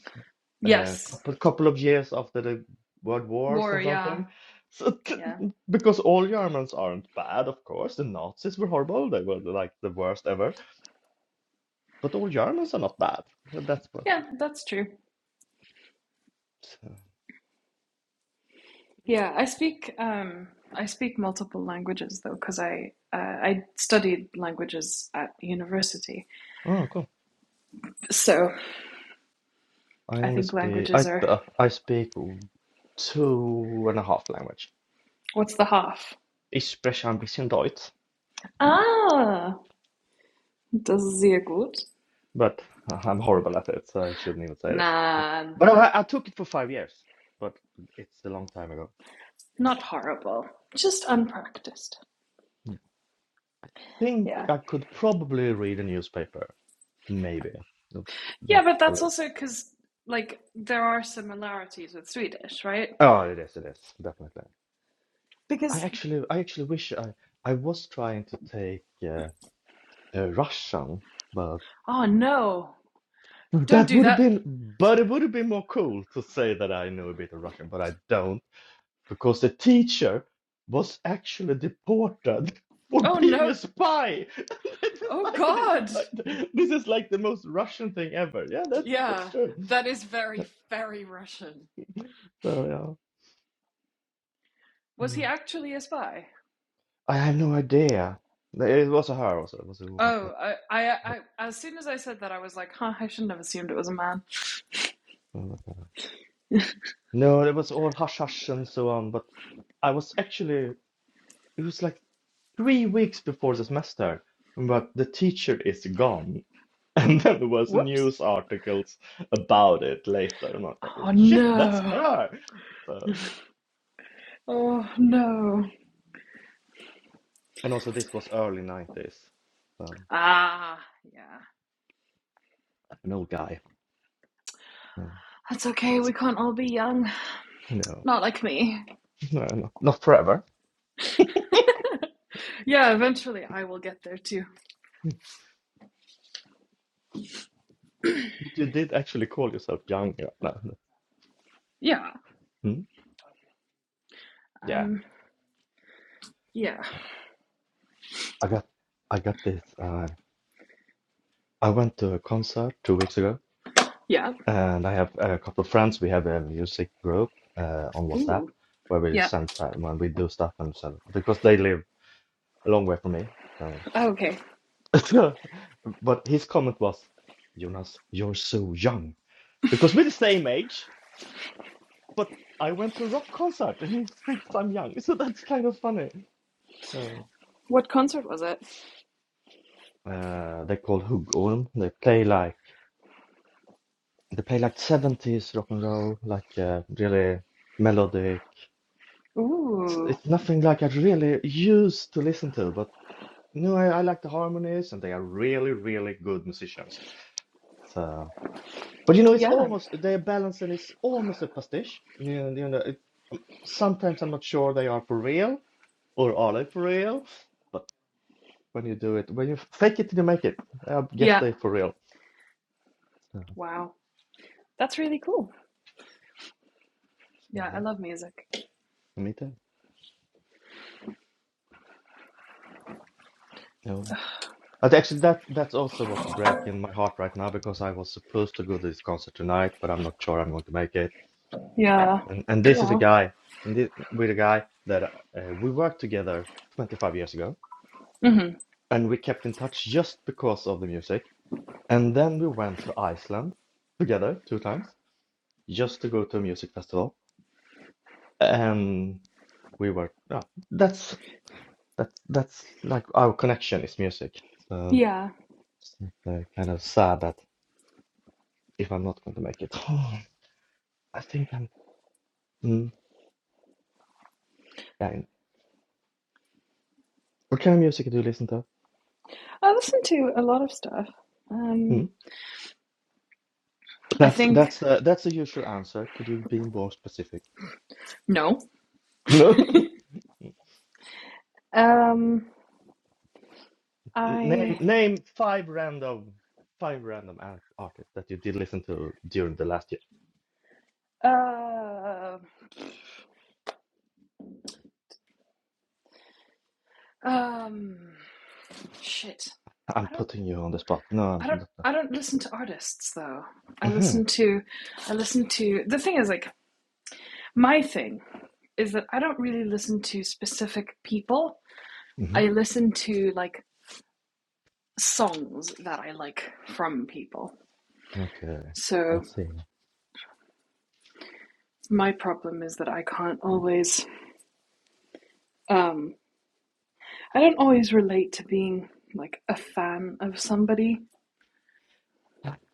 Speaker 4: a
Speaker 3: yes.
Speaker 4: couple couple of years after the World Wars
Speaker 3: War,
Speaker 4: and
Speaker 3: yeah.
Speaker 4: something. So t
Speaker 3: Yeah.
Speaker 4: because all Germans aren't bad, of course. The Nazis were horrible; they were like the worst ever. But all Germans are not bad. That's what.
Speaker 3: Yeah, that's true.
Speaker 4: So,
Speaker 3: Yeah, I speak um, I speak multiple languages though, because I uh, I studied languages at university.
Speaker 4: oh, cool.
Speaker 3: So
Speaker 4: I
Speaker 3: I
Speaker 4: only
Speaker 3: think
Speaker 4: speak
Speaker 3: languages
Speaker 4: I
Speaker 3: are
Speaker 4: uh, I speak two and a half language.
Speaker 3: what's the half?
Speaker 4: Ich spreche ein bisschen Deutsch,
Speaker 3: Ah, das ist sehr gut.
Speaker 4: but I'm horrible at it, so I shouldn't even say that. But,
Speaker 3: Nah,
Speaker 4: but I, I took it for five years, but it's a long time ago.
Speaker 3: not horrible. Just unpracticed.
Speaker 4: I think
Speaker 3: Yeah,
Speaker 4: I could probably read a newspaper, maybe. Nope,
Speaker 3: yeah,
Speaker 4: That's
Speaker 3: but
Speaker 4: a
Speaker 3: that's
Speaker 4: little.
Speaker 3: also because like there are similarities with Swedish, right?
Speaker 4: Oh, it is, it is definitely. I
Speaker 3: Because
Speaker 4: actually, I actually wish I I was trying to take uh, uh, Russian, but
Speaker 3: oh no, don't
Speaker 4: That
Speaker 3: do
Speaker 4: would have
Speaker 3: that.
Speaker 4: been, but it would have been more cool to say that I know a bit of Russian, but I don't, because the teacher was actually deported for
Speaker 3: Oh
Speaker 4: being
Speaker 3: no.
Speaker 4: a spy. This is
Speaker 3: Oh
Speaker 4: like this is
Speaker 3: God.
Speaker 4: like the- this is like the most Russian thing ever. Yeah, that's that's
Speaker 3: Yeah,
Speaker 4: true.
Speaker 3: that is very, very Russian.
Speaker 4: So yeah,
Speaker 3: Was
Speaker 4: come
Speaker 3: he
Speaker 4: on.
Speaker 3: actually a spy?
Speaker 4: I have no idea. It was a her also. It was a woman, but
Speaker 3: Oh, I, I,
Speaker 4: but
Speaker 3: I, as soon as I said that, I was like, huh, I shouldn't have assumed it was a man.
Speaker 4: uh, no, it was all hush hush and so on. But I was actually it was like. three weeks before the semester, but the teacher is gone. And then there was
Speaker 3: Whoops.
Speaker 4: news articles about it later. I'm like, oh
Speaker 3: Oh,
Speaker 4: shit, that's
Speaker 3: no.
Speaker 4: her. So,
Speaker 3: Oh, no.
Speaker 4: and also this was early 90s. So
Speaker 3: Ah, yeah.
Speaker 4: an old guy. No,
Speaker 3: That's okay, we can't all be young.
Speaker 4: no,
Speaker 3: Not like me.
Speaker 4: no, no, not forever.
Speaker 3: Yeah, eventually I will get there too.
Speaker 4: But you did actually call yourself young. yeah, No, no.
Speaker 3: Yeah.
Speaker 4: Hmm? Yeah,
Speaker 3: Um, yeah.
Speaker 4: I got, I got this. Uh, I went to a concert two weeks ago,
Speaker 3: Yeah.
Speaker 4: And I have a couple of friends. We have a music group uh, on WhatsApp
Speaker 3: Ooh.
Speaker 4: where we
Speaker 3: Yeah.
Speaker 4: send time when we do stuff and send because they live a long way from me.
Speaker 3: Okay.
Speaker 4: So, but his comment was, Jonas, you're so young because we're the same age, but I went to a rock concert and he thinks I'm young. So that's kind of funny. So
Speaker 3: What concert was it?
Speaker 4: uh, they call Huggorm. They play like they play like 70s rock and roll, like uh, really melodic it's,
Speaker 3: Ooh.
Speaker 4: it's nothing like I really used to listen to, but no, I, I like the harmonies, and they are really, really good musicians. So, but you know, it's
Speaker 3: Yeah.
Speaker 4: almost their balance, and it's almost a pastiche. And, You know, you know it, um, sometimes I'm not sure they are for real, or are they for real? But when you do it, when you fake it till you make it, I guess
Speaker 3: Yeah.
Speaker 4: they for real. So,
Speaker 3: Wow. That's really cool. Yeah, I
Speaker 4: yeah,
Speaker 3: love music.
Speaker 4: me too. No. But actually, that that's also what's breaking my heart right now because I was supposed to go to this concert tonight, but I'm not sure I'm going to make it.
Speaker 3: Yeah.
Speaker 4: And and this is a
Speaker 3: Yeah.
Speaker 4: guy, and this, with a guy that uh, we worked together 25 years ago,
Speaker 3: hmm
Speaker 4: and we kept in touch just because of the music. And then we went to Iceland together two times just to go to a music festival. And we were, yeah, that's that's that's like our connection is music. So
Speaker 3: Yeah.
Speaker 4: it's uh, kind of sad that if I'm not going to make it, I think I'm. Mm, yeah, I know. what kind of music do you listen to?
Speaker 3: I listen to a lot of stuff.
Speaker 4: Hmm?
Speaker 3: Um, I
Speaker 4: That's
Speaker 3: think
Speaker 4: that's uh, that's the usual answer. Could you be more specific?
Speaker 3: no.
Speaker 4: No.
Speaker 3: Um,
Speaker 4: Name
Speaker 3: I
Speaker 4: name five random five random an- artists that you did listen to during the last year.
Speaker 3: uh, um, shit.
Speaker 4: I'm
Speaker 3: I don't.
Speaker 4: putting you on the spot. No.
Speaker 3: I don't. I don't listen to artists though. I
Speaker 4: I'm, hmm
Speaker 3: listen to. I listen to. The thing is, like, my thing is that I don't really listen to specific people.
Speaker 4: hmm
Speaker 3: I listen to like songs that I like from people.
Speaker 4: Okay.
Speaker 3: So
Speaker 4: Let's see.
Speaker 3: my problem is that I can't always um I don't always relate to being like a fan of somebody.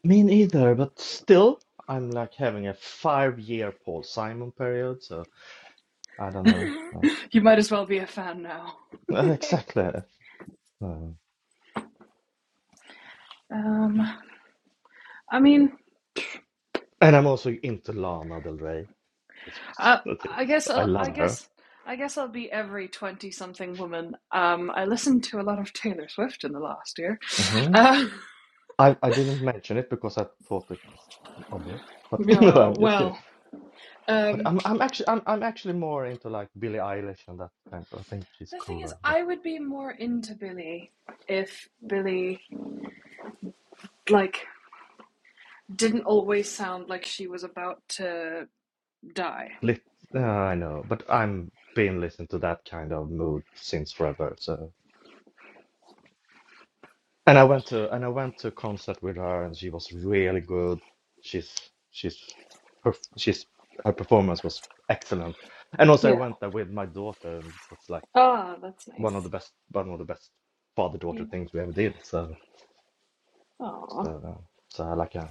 Speaker 4: Me neither, but still, I'm like having a five-year Paul Simon period, so I don't know. Uh,
Speaker 3: You might as well be a fan now.
Speaker 4: uh, exactly. Uh,
Speaker 3: um I mean
Speaker 4: and I'm also into Lana Del Rey. She's-
Speaker 3: I
Speaker 4: that
Speaker 3: I
Speaker 4: is-
Speaker 3: guess
Speaker 4: I
Speaker 3: I'll, I
Speaker 4: love her.
Speaker 3: guess I guess I'll be every 20 something woman. Um I listened to a lot of Taylor Swift in the last year.
Speaker 4: Mm-hmm.
Speaker 3: Uh,
Speaker 4: I I didn't mention it because I thought it was obvious, but no,
Speaker 3: yeah,
Speaker 4: I'm just kidding.
Speaker 3: well,
Speaker 4: But
Speaker 3: um
Speaker 4: I'm I'm actually I'm I'm actually more into like Billie Eilish and that kind of. I think she's
Speaker 3: the thing is
Speaker 4: cooler, but
Speaker 3: I would be more into Billy if Billy like didn't always sound like she was about to die.
Speaker 4: lit. Uh, I know, but I'm been listening to that kind of mood since forever. So, and I went to and I went to a concert with her, and she was really good. She's she's her she's her performance was excellent, and also I
Speaker 3: Yeah.
Speaker 4: went there with my daughter, and it's like
Speaker 3: Ah, oh, that's
Speaker 4: one of
Speaker 3: nice.
Speaker 4: the best one of the best father daughter
Speaker 3: Yeah.
Speaker 4: things we ever did. So.
Speaker 3: Aw.
Speaker 4: So, so like, uh,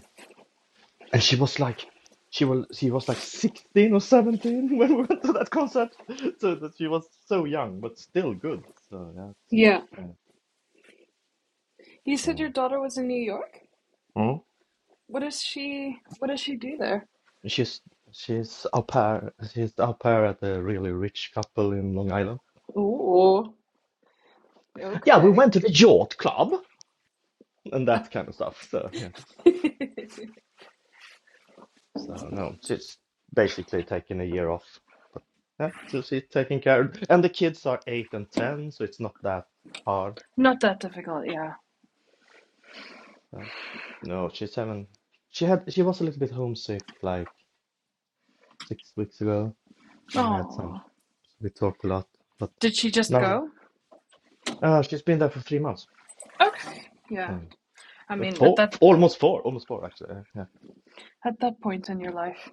Speaker 4: and she was like, she was she was like 16 or 17 when we went to that concert. So that she was so young, but still good. So yeah, it's
Speaker 3: Yeah.
Speaker 4: kind
Speaker 3: You
Speaker 4: of,
Speaker 3: said
Speaker 4: uh,
Speaker 3: your daughter was in New York?
Speaker 4: mm.
Speaker 3: What does she what does she do there?
Speaker 4: She's she's au pair. She's au pair at a really rich couple in Long Island.
Speaker 3: Ooh.
Speaker 4: Yeah, we
Speaker 3: Okay.
Speaker 4: went to the yacht club and that kind of stuff. So yeah, so no, she's basically taking a year off. Yeah, so she's taking care, and the kids are eight and ten, so it's not that hard.
Speaker 3: Not that difficult, yeah.
Speaker 4: Yeah. No, she's having she had she was a little bit homesick like six weeks ago. We had some
Speaker 3: Oh.
Speaker 4: we talked a lot, but
Speaker 3: Did she just
Speaker 4: now
Speaker 3: go?
Speaker 4: uh, she's been there for three months.
Speaker 3: Okay. Yeah.
Speaker 4: So
Speaker 3: I
Speaker 4: uh,
Speaker 3: mean, at
Speaker 4: four,
Speaker 3: that
Speaker 4: almost four, almost four actually. uh, Yeah,
Speaker 3: at that point in your life,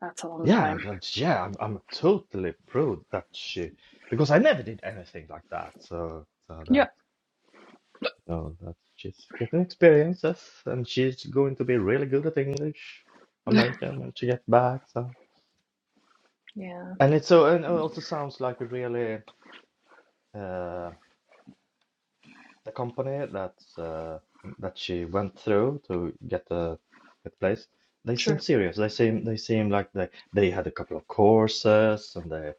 Speaker 3: that's a long
Speaker 4: yeah,
Speaker 3: time.
Speaker 4: that's- yeah. I'm I'm totally proud that she because I never did anything like that. So so
Speaker 3: Yeah.
Speaker 4: that no, that she's getting experiences and she's going to be really good at English, American when she gets back. So
Speaker 3: Yeah.
Speaker 4: and it's so and it also sounds like a really. Uh, The company that's uh, that she went through to get the get place, they seem
Speaker 3: Sure.
Speaker 4: serious. They seem they seem like they they had a couple of courses and they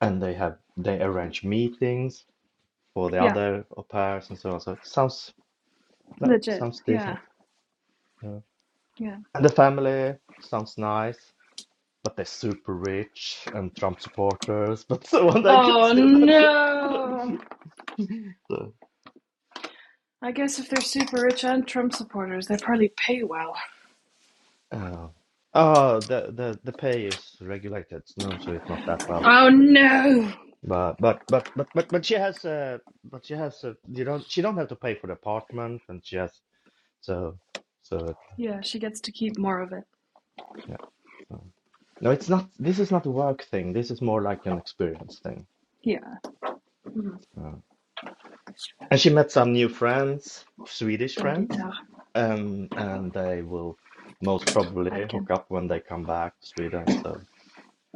Speaker 4: and they have they arrange meetings for the
Speaker 3: Yeah.
Speaker 4: other au pairs and so on. So it sounds no
Speaker 3: Legit.
Speaker 4: sounds
Speaker 3: Yeah.
Speaker 4: decent. Yeah.
Speaker 3: Yeah.
Speaker 4: And the family sounds nice, but they're super rich and Trump supporters, but so on. They could
Speaker 3: Oh
Speaker 4: still.
Speaker 3: no.
Speaker 4: So,
Speaker 3: I guess if they're super rich and Trump supporters, they probably pay well.
Speaker 4: Oh, oh, the the the pay is regulated, no, so it's not that well.
Speaker 3: Oh no!
Speaker 4: But but but but but but she has uh but she has uh you don't she don't have to pay for the apartment and she has so so
Speaker 3: Yeah, she gets to keep more of it.
Speaker 4: yeah so no it's not this is not a work thing this is more like an experience thing
Speaker 3: Yeah. Mm,
Speaker 4: Uh, and she met some new friends Swedish
Speaker 3: Don
Speaker 4: friends
Speaker 3: guitar.
Speaker 4: um and they will most probably
Speaker 3: Adkin.
Speaker 4: hook up when they come back to Sweden so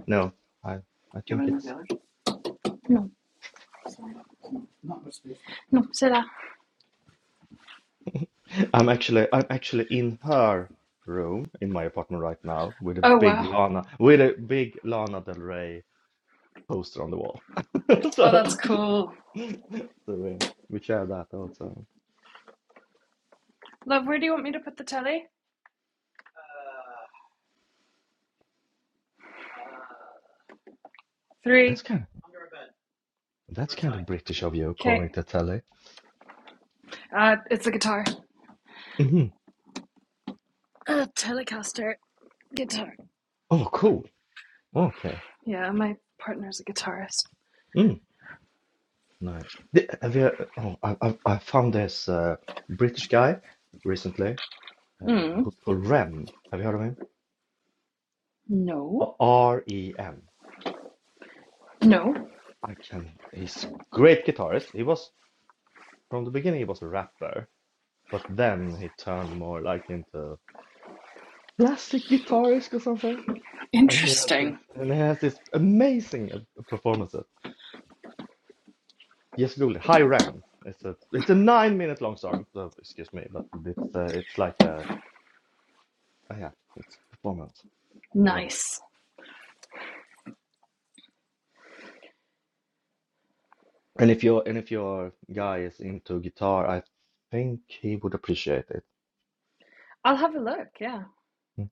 Speaker 4: no I I think it's
Speaker 3: No. No, c'est là.
Speaker 4: I'm actually I'm actually in her room in my apartment right now with a
Speaker 3: Oh
Speaker 4: big
Speaker 3: wow.
Speaker 4: Lana with a big Lana Del Rey poster on the wall.
Speaker 3: Oh, that's
Speaker 4: so
Speaker 3: cool.
Speaker 4: so we, we share that also.
Speaker 3: Love, where do you want me to put the telly? Three.
Speaker 4: That's kind of that's kind of British of you calling
Speaker 3: Okay.
Speaker 4: it a telly.
Speaker 3: Uh, it's a guitar.
Speaker 4: hmm
Speaker 3: Uh, Telecaster. Guitar.
Speaker 4: Oh, cool. Okay.
Speaker 3: Yeah, my partner's a guitarist.
Speaker 4: Mm, nice. The- Have you, oh, I, I I found this uh, British guy recently uh,
Speaker 3: Mm.
Speaker 4: who's called Ren. Have you heard of him?
Speaker 3: No.
Speaker 4: R E M.
Speaker 3: No.
Speaker 4: I can. He's a great guitarist. He was from the beginning. He was a rapper, but then he turned more like into classic guitarist or something. And he has this,
Speaker 3: Interesting.
Speaker 4: and he has this amazing uh, performance. at- Yes, Google it. High Ren. It's a it's a nine minute long song. So excuse me, but it's uh, it's like a uh, yeah, it's a performance. Love it.
Speaker 3: Nice.
Speaker 4: And if your and if your guy is into guitar, I think he would appreciate it.
Speaker 3: I'll have a look, yeah.
Speaker 4: Mm.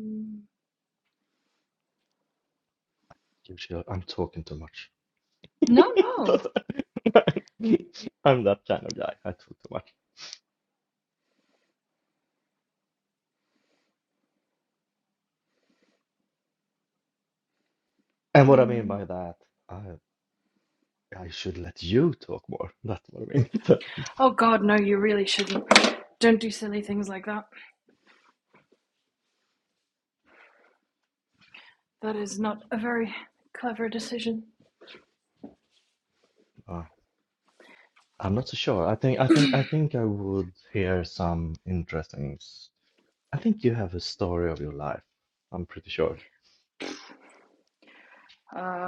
Speaker 3: Mm.
Speaker 4: Give it a- I'm talking too much.
Speaker 3: No, no,
Speaker 4: I'm that kind of guy. I talk too much. And what I mean
Speaker 3: Um,
Speaker 4: by that, I I should let you talk more. That's what I mean. So,
Speaker 3: oh God, no, you really shouldn't. Don't do silly things like that. That is not a very clever decision.
Speaker 4: uh, I'm not so sure. I think I think I think I would hear some interesting. s- I think you have a story of your life. I'm pretty sure,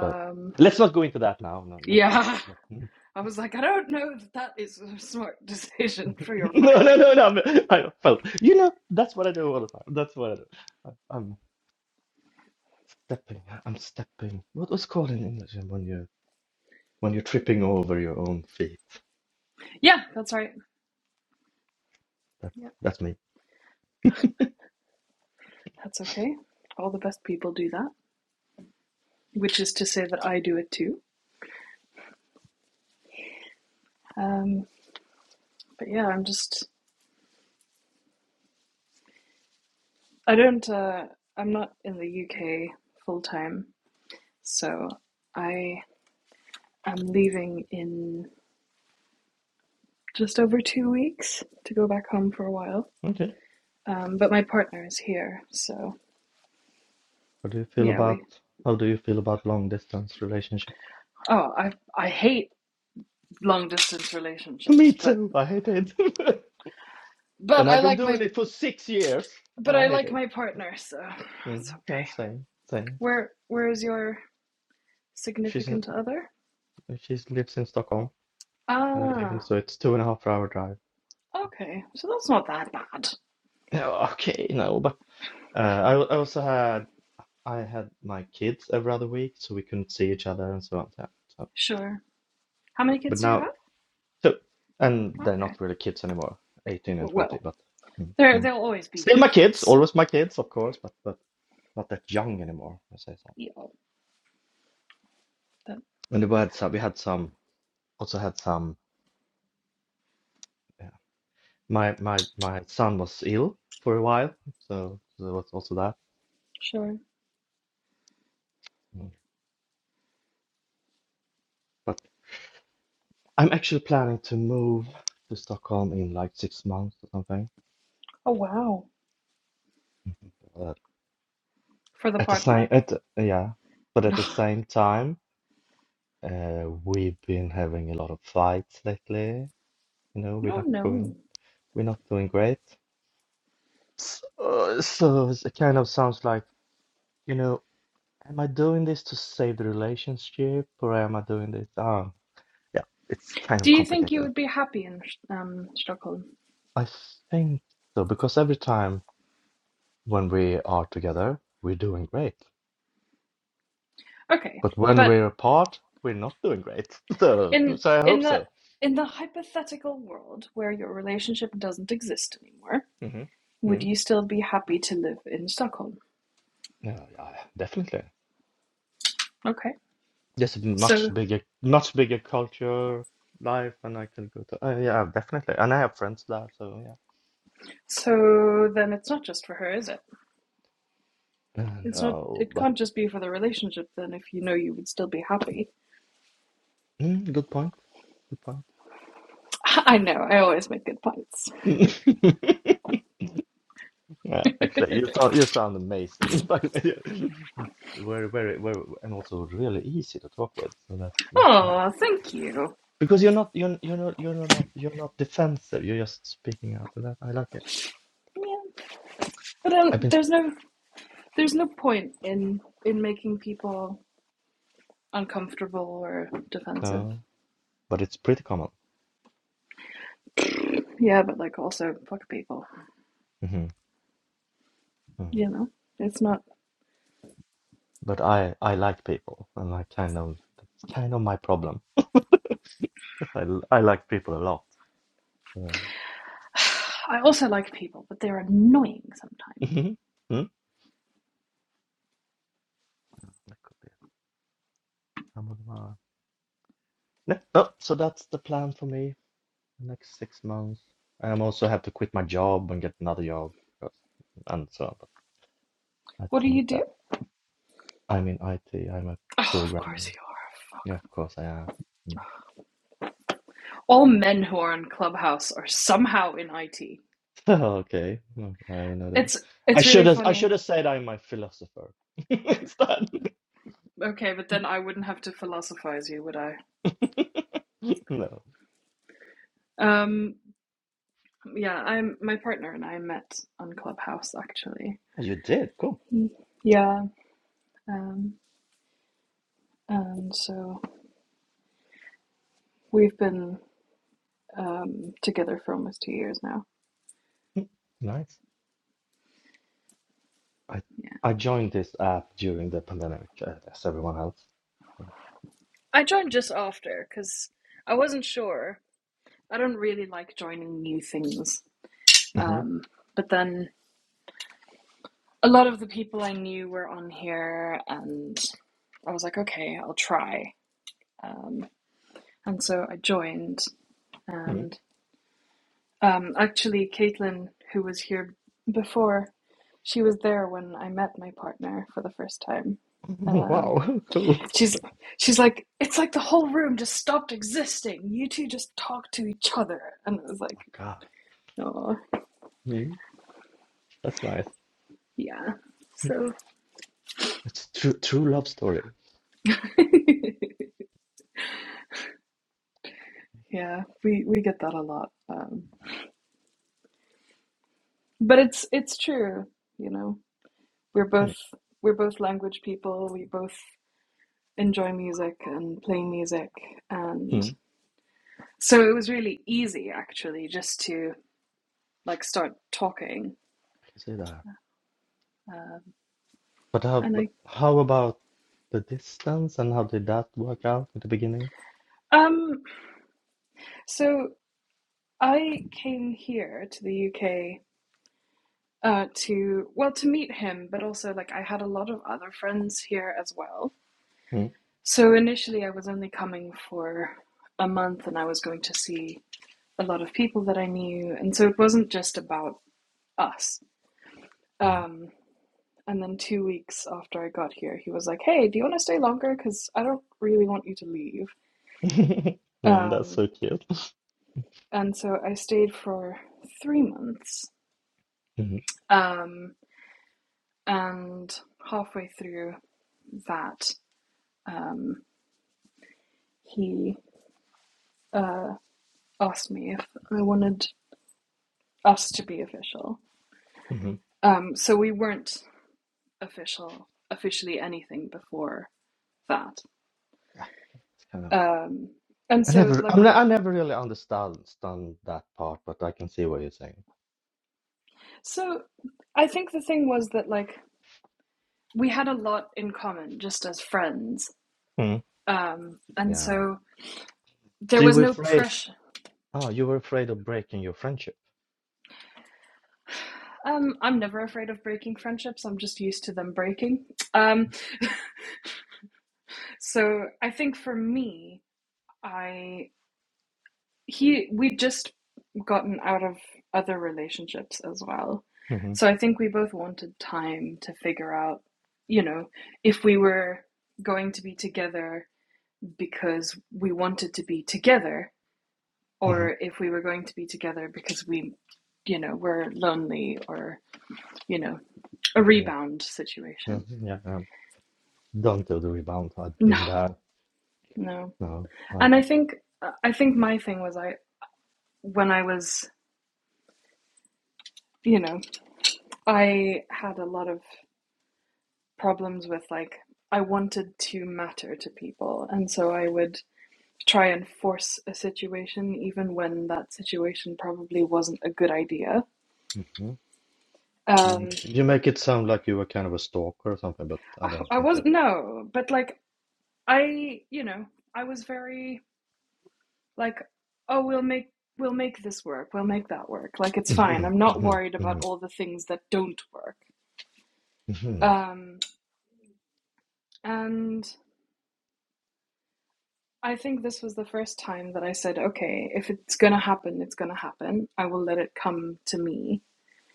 Speaker 4: but let's not go into that now. No, let's not.
Speaker 3: yeah,
Speaker 4: No,
Speaker 3: I was like, I don't know that that is a smart decision for your
Speaker 4: no, no,
Speaker 3: Friday.
Speaker 4: no. no I'm- I felt. You know, that's what I do all the time. That's what I do. I, I'm stepping. I'm stepping. What was called in English when you? when you're tripping over your own feet.
Speaker 3: Yeah, that's right.
Speaker 4: That's
Speaker 3: Yeah,
Speaker 4: that's me.
Speaker 3: that's okay. All the best people do that, which is to say that I do it too. Um, but yeah, I'm just, I don't, uh, I'm not in the UK full time, so I am leaving in just over two weeks to go back home for a while.
Speaker 4: Okay.
Speaker 3: Um, but my partner is here, so
Speaker 4: How do you feel
Speaker 3: yeah, we.
Speaker 4: about how do you feel about long distance relationship?
Speaker 3: Oh, I I hate long distance
Speaker 4: Me
Speaker 3: relationships, but
Speaker 4: too. I hate it.
Speaker 3: but
Speaker 4: and I've
Speaker 3: I
Speaker 4: been
Speaker 3: like
Speaker 4: doing
Speaker 3: my
Speaker 4: it for six years and
Speaker 3: but
Speaker 4: I
Speaker 3: I
Speaker 4: hate
Speaker 3: like
Speaker 4: it.
Speaker 3: my partner, so it's
Speaker 4: Mm, yeah,
Speaker 3: okay.
Speaker 4: same, same.
Speaker 3: Where where is your
Speaker 4: She's in
Speaker 3: significant other?
Speaker 4: And She lives in Stockholm, and I live in,
Speaker 3: Ah,
Speaker 4: so it's two and a half hour drive.
Speaker 3: okay, so that's not that bad.
Speaker 4: Yeah, Okay, no, but uh, I, al- I also had I had my kids every other week, so we couldn't see each other and so on. Yeah, so-
Speaker 3: Sure. How many
Speaker 4: but
Speaker 3: kids do you have?
Speaker 4: now, so and they're
Speaker 3: Okay.
Speaker 4: not really kids anymore, 18 and 20,
Speaker 3: Well,
Speaker 4: but mm,
Speaker 3: there
Speaker 4: mm.
Speaker 3: they'll always be
Speaker 4: still
Speaker 3: your
Speaker 4: my kids,
Speaker 3: kids.
Speaker 4: always my kids, of course, but but not that young anymore, I say so.
Speaker 3: Yeah. That,
Speaker 4: And we had some, we had some, also had some. Yeah. My my my son was ill for a while, so there was also that.
Speaker 3: sure.
Speaker 4: Mm. I'm actually planning to move to Stockholm in like six months or something.
Speaker 3: Oh wow.
Speaker 4: But
Speaker 3: For the
Speaker 4: at the same,
Speaker 3: partner?
Speaker 4: at yeah, but at the same time, uh, we've been having a lot of fights lately. You know, we're
Speaker 3: Oh
Speaker 4: not going,
Speaker 3: no.
Speaker 4: we're not doing great. So, so it's- it kind of sounds like, you know, am I doing this to save the relationship or am I doing this? Oh, yeah, it's kind of
Speaker 3: Do you think you
Speaker 4: complicated.
Speaker 3: would be happy in um, Stockholm?
Speaker 4: I think so because every time when we are together, we're doing great.
Speaker 3: Okay,
Speaker 4: But when
Speaker 3: but
Speaker 4: we're apart, we're not doing great. So,
Speaker 3: in
Speaker 4: so I hope
Speaker 3: in the
Speaker 4: so.
Speaker 3: in the hypothetical world where your relationship doesn't exist anymore,
Speaker 4: hmm
Speaker 3: would
Speaker 4: hmm
Speaker 3: you still be happy to live in Stockholm?
Speaker 4: Yeah, yeah, definitely.
Speaker 3: Okay.
Speaker 4: Just a
Speaker 3: So
Speaker 4: much bigger, much bigger culture, life, and I can go to. Uh, yeah, definitely. And I have friends there, so yeah.
Speaker 3: so then it's not just for her, is it?
Speaker 4: Uh,
Speaker 3: It's not
Speaker 4: no,
Speaker 3: it
Speaker 4: but
Speaker 3: can't just be for the relationship then if you know you would still be happy.
Speaker 4: mm, good point. Good point.
Speaker 3: I know, I always make good points.
Speaker 4: Yeah, actually, you sound you sound amazing. By the way, It's very, very, very, and also really easy to talk with. So that's that's nice.
Speaker 3: Oh, thank you.
Speaker 4: Because you're not you're you're not you're not like you're not defensive. You're just speaking out. That I like it.
Speaker 3: Yeah. But um,
Speaker 4: I've been sp-
Speaker 3: there's no there's no point in in making people uncomfortable or defensive.
Speaker 4: no, but it's pretty common.
Speaker 3: Yeah, but like also fuck people.
Speaker 4: hmm hmm
Speaker 3: You know, it's not.
Speaker 4: But I I like people, and I kind of that's kind of my problem. I l- I like people a lot. So.
Speaker 3: I also like people, but they're annoying sometimes.
Speaker 4: hmm That could be some of them are. No, no, so that's the plan for me the next six months. I'm also have to quit my job and get another job because- and so on. But I
Speaker 3: What do
Speaker 4: think
Speaker 3: you do?
Speaker 4: that I'm in IT. I'm a
Speaker 3: Oh, of
Speaker 4: programmer.
Speaker 3: course you are.
Speaker 4: Yeah, of
Speaker 3: Fuck.
Speaker 4: course I am. Mm.
Speaker 3: All men who are in Clubhouse are somehow in IT.
Speaker 4: Okay. No, I don't know that.
Speaker 3: It's
Speaker 4: I
Speaker 3: it's
Speaker 4: should
Speaker 3: really
Speaker 4: have I should
Speaker 3: funny.
Speaker 4: have said I'm a philosopher instead.
Speaker 3: Okay, but then I wouldn't have to philosophize you, would I?
Speaker 4: No.
Speaker 3: Um, yeah, I'm my partner and I met on Clubhouse actually.
Speaker 4: Oh, You did. Cool.
Speaker 3: Yeah, um, and so we've been um, together for almost two years now.
Speaker 4: Nice. I
Speaker 3: Yeah.
Speaker 4: I joined this app during the pandemic, uh, as everyone else.
Speaker 3: I joined just after because I wasn't sure. I don't really like joining new things.
Speaker 4: hmm
Speaker 3: Um, but then a lot of the people I knew were on here, and I was like, okay, I'll try. Um, and so I joined, and um, actually, Caitlin, who was here before, she was there when I met my partner for the first time. Uh,
Speaker 4: Wow, cool. Oh
Speaker 3: She's she's like, it's like the whole room just stopped existing. You two just talk to each other. And it was like,
Speaker 4: my God.
Speaker 3: oh
Speaker 4: Mm, That's nice.
Speaker 3: yeah.
Speaker 4: Mm.
Speaker 3: So
Speaker 4: It's true true love story.
Speaker 3: yeah, we we get that a lot. Um, but it's it's true, you know. We're
Speaker 4: Mm,
Speaker 3: both we're both language people. We both enjoy music and play music and
Speaker 4: mm.
Speaker 3: so it was really easy actually just to like start talking.
Speaker 4: I can see that.
Speaker 3: Um,
Speaker 4: But how
Speaker 3: and
Speaker 4: but
Speaker 3: I
Speaker 4: how about the distance and how did that work out at the beginning?
Speaker 3: um so I came here to the UK uh, to, well, to meet him, but also like I had a lot of other friends here as well. So initially I was only coming for a month and I was going to see a lot of people that I knew. And so it wasn't just about us.
Speaker 4: Mm.
Speaker 3: Um, and then two weeks after I got here, he was like, hey, do you want to stay longer? Because I don't really want you to leave.
Speaker 4: Mm, That's
Speaker 3: Um,
Speaker 4: so cute.
Speaker 3: and so I stayed for three months.
Speaker 4: Mhm,
Speaker 3: Um, and halfway through, that um, he asked me if I wanted us to be official.
Speaker 4: mhm.
Speaker 3: Um, so we weren't official, officially anything before that.
Speaker 4: Yeah, It's kind of.
Speaker 3: Um, and
Speaker 4: I
Speaker 3: so,
Speaker 4: never,
Speaker 3: like,
Speaker 4: I'm not. I never really understand understand that part, but I can see what you're saying.
Speaker 3: so I think the thing was that, like, we had a lot in common just as friends.
Speaker 4: Mm.
Speaker 3: Um, and
Speaker 4: Yeah.
Speaker 3: so there
Speaker 4: So you
Speaker 3: was
Speaker 4: were
Speaker 3: no
Speaker 4: afraid.
Speaker 3: pressure.
Speaker 4: Oh, you were afraid of breaking your friendship.
Speaker 3: Um, I'm never afraid of breaking friendships. I'm just used to them breaking. Um, so I think for me, I he we've just gotten out of other relationships as well.
Speaker 4: hmm
Speaker 3: So I think we both wanted time to figure out, you know, if we were going to be together because we wanted to be together
Speaker 4: hmm
Speaker 3: or if we were going to be together because we you know, were lonely or, you know, a
Speaker 4: Yeah.
Speaker 3: rebound
Speaker 4: Yeah.
Speaker 3: situation.
Speaker 4: Yeah. Um, don't do the rebound. I've
Speaker 3: No,
Speaker 4: been there.
Speaker 3: no.
Speaker 4: No. I,
Speaker 3: And I think I think my thing was I when I was, you know, I had a lot of problems with like I wanted to matter to people, and so I would try and force a situation even when that situation probably wasn't a good idea.
Speaker 4: hmm You
Speaker 3: Um,
Speaker 4: make it, you make it sound like you were kind of a stalker or something, but I
Speaker 3: I
Speaker 4: don't think so.
Speaker 3: wasn't no, but like I, you know, I was very like, oh, we'll make we'll make this work, we'll make that work. Like it's fine.
Speaker 4: hmm
Speaker 3: I'm not
Speaker 4: hmm
Speaker 3: worried about all the things that don't work.
Speaker 4: hmm
Speaker 3: Um, and I think this was the first time that I said, okay, if it's going to happen, it's going to happen. I will let it come to me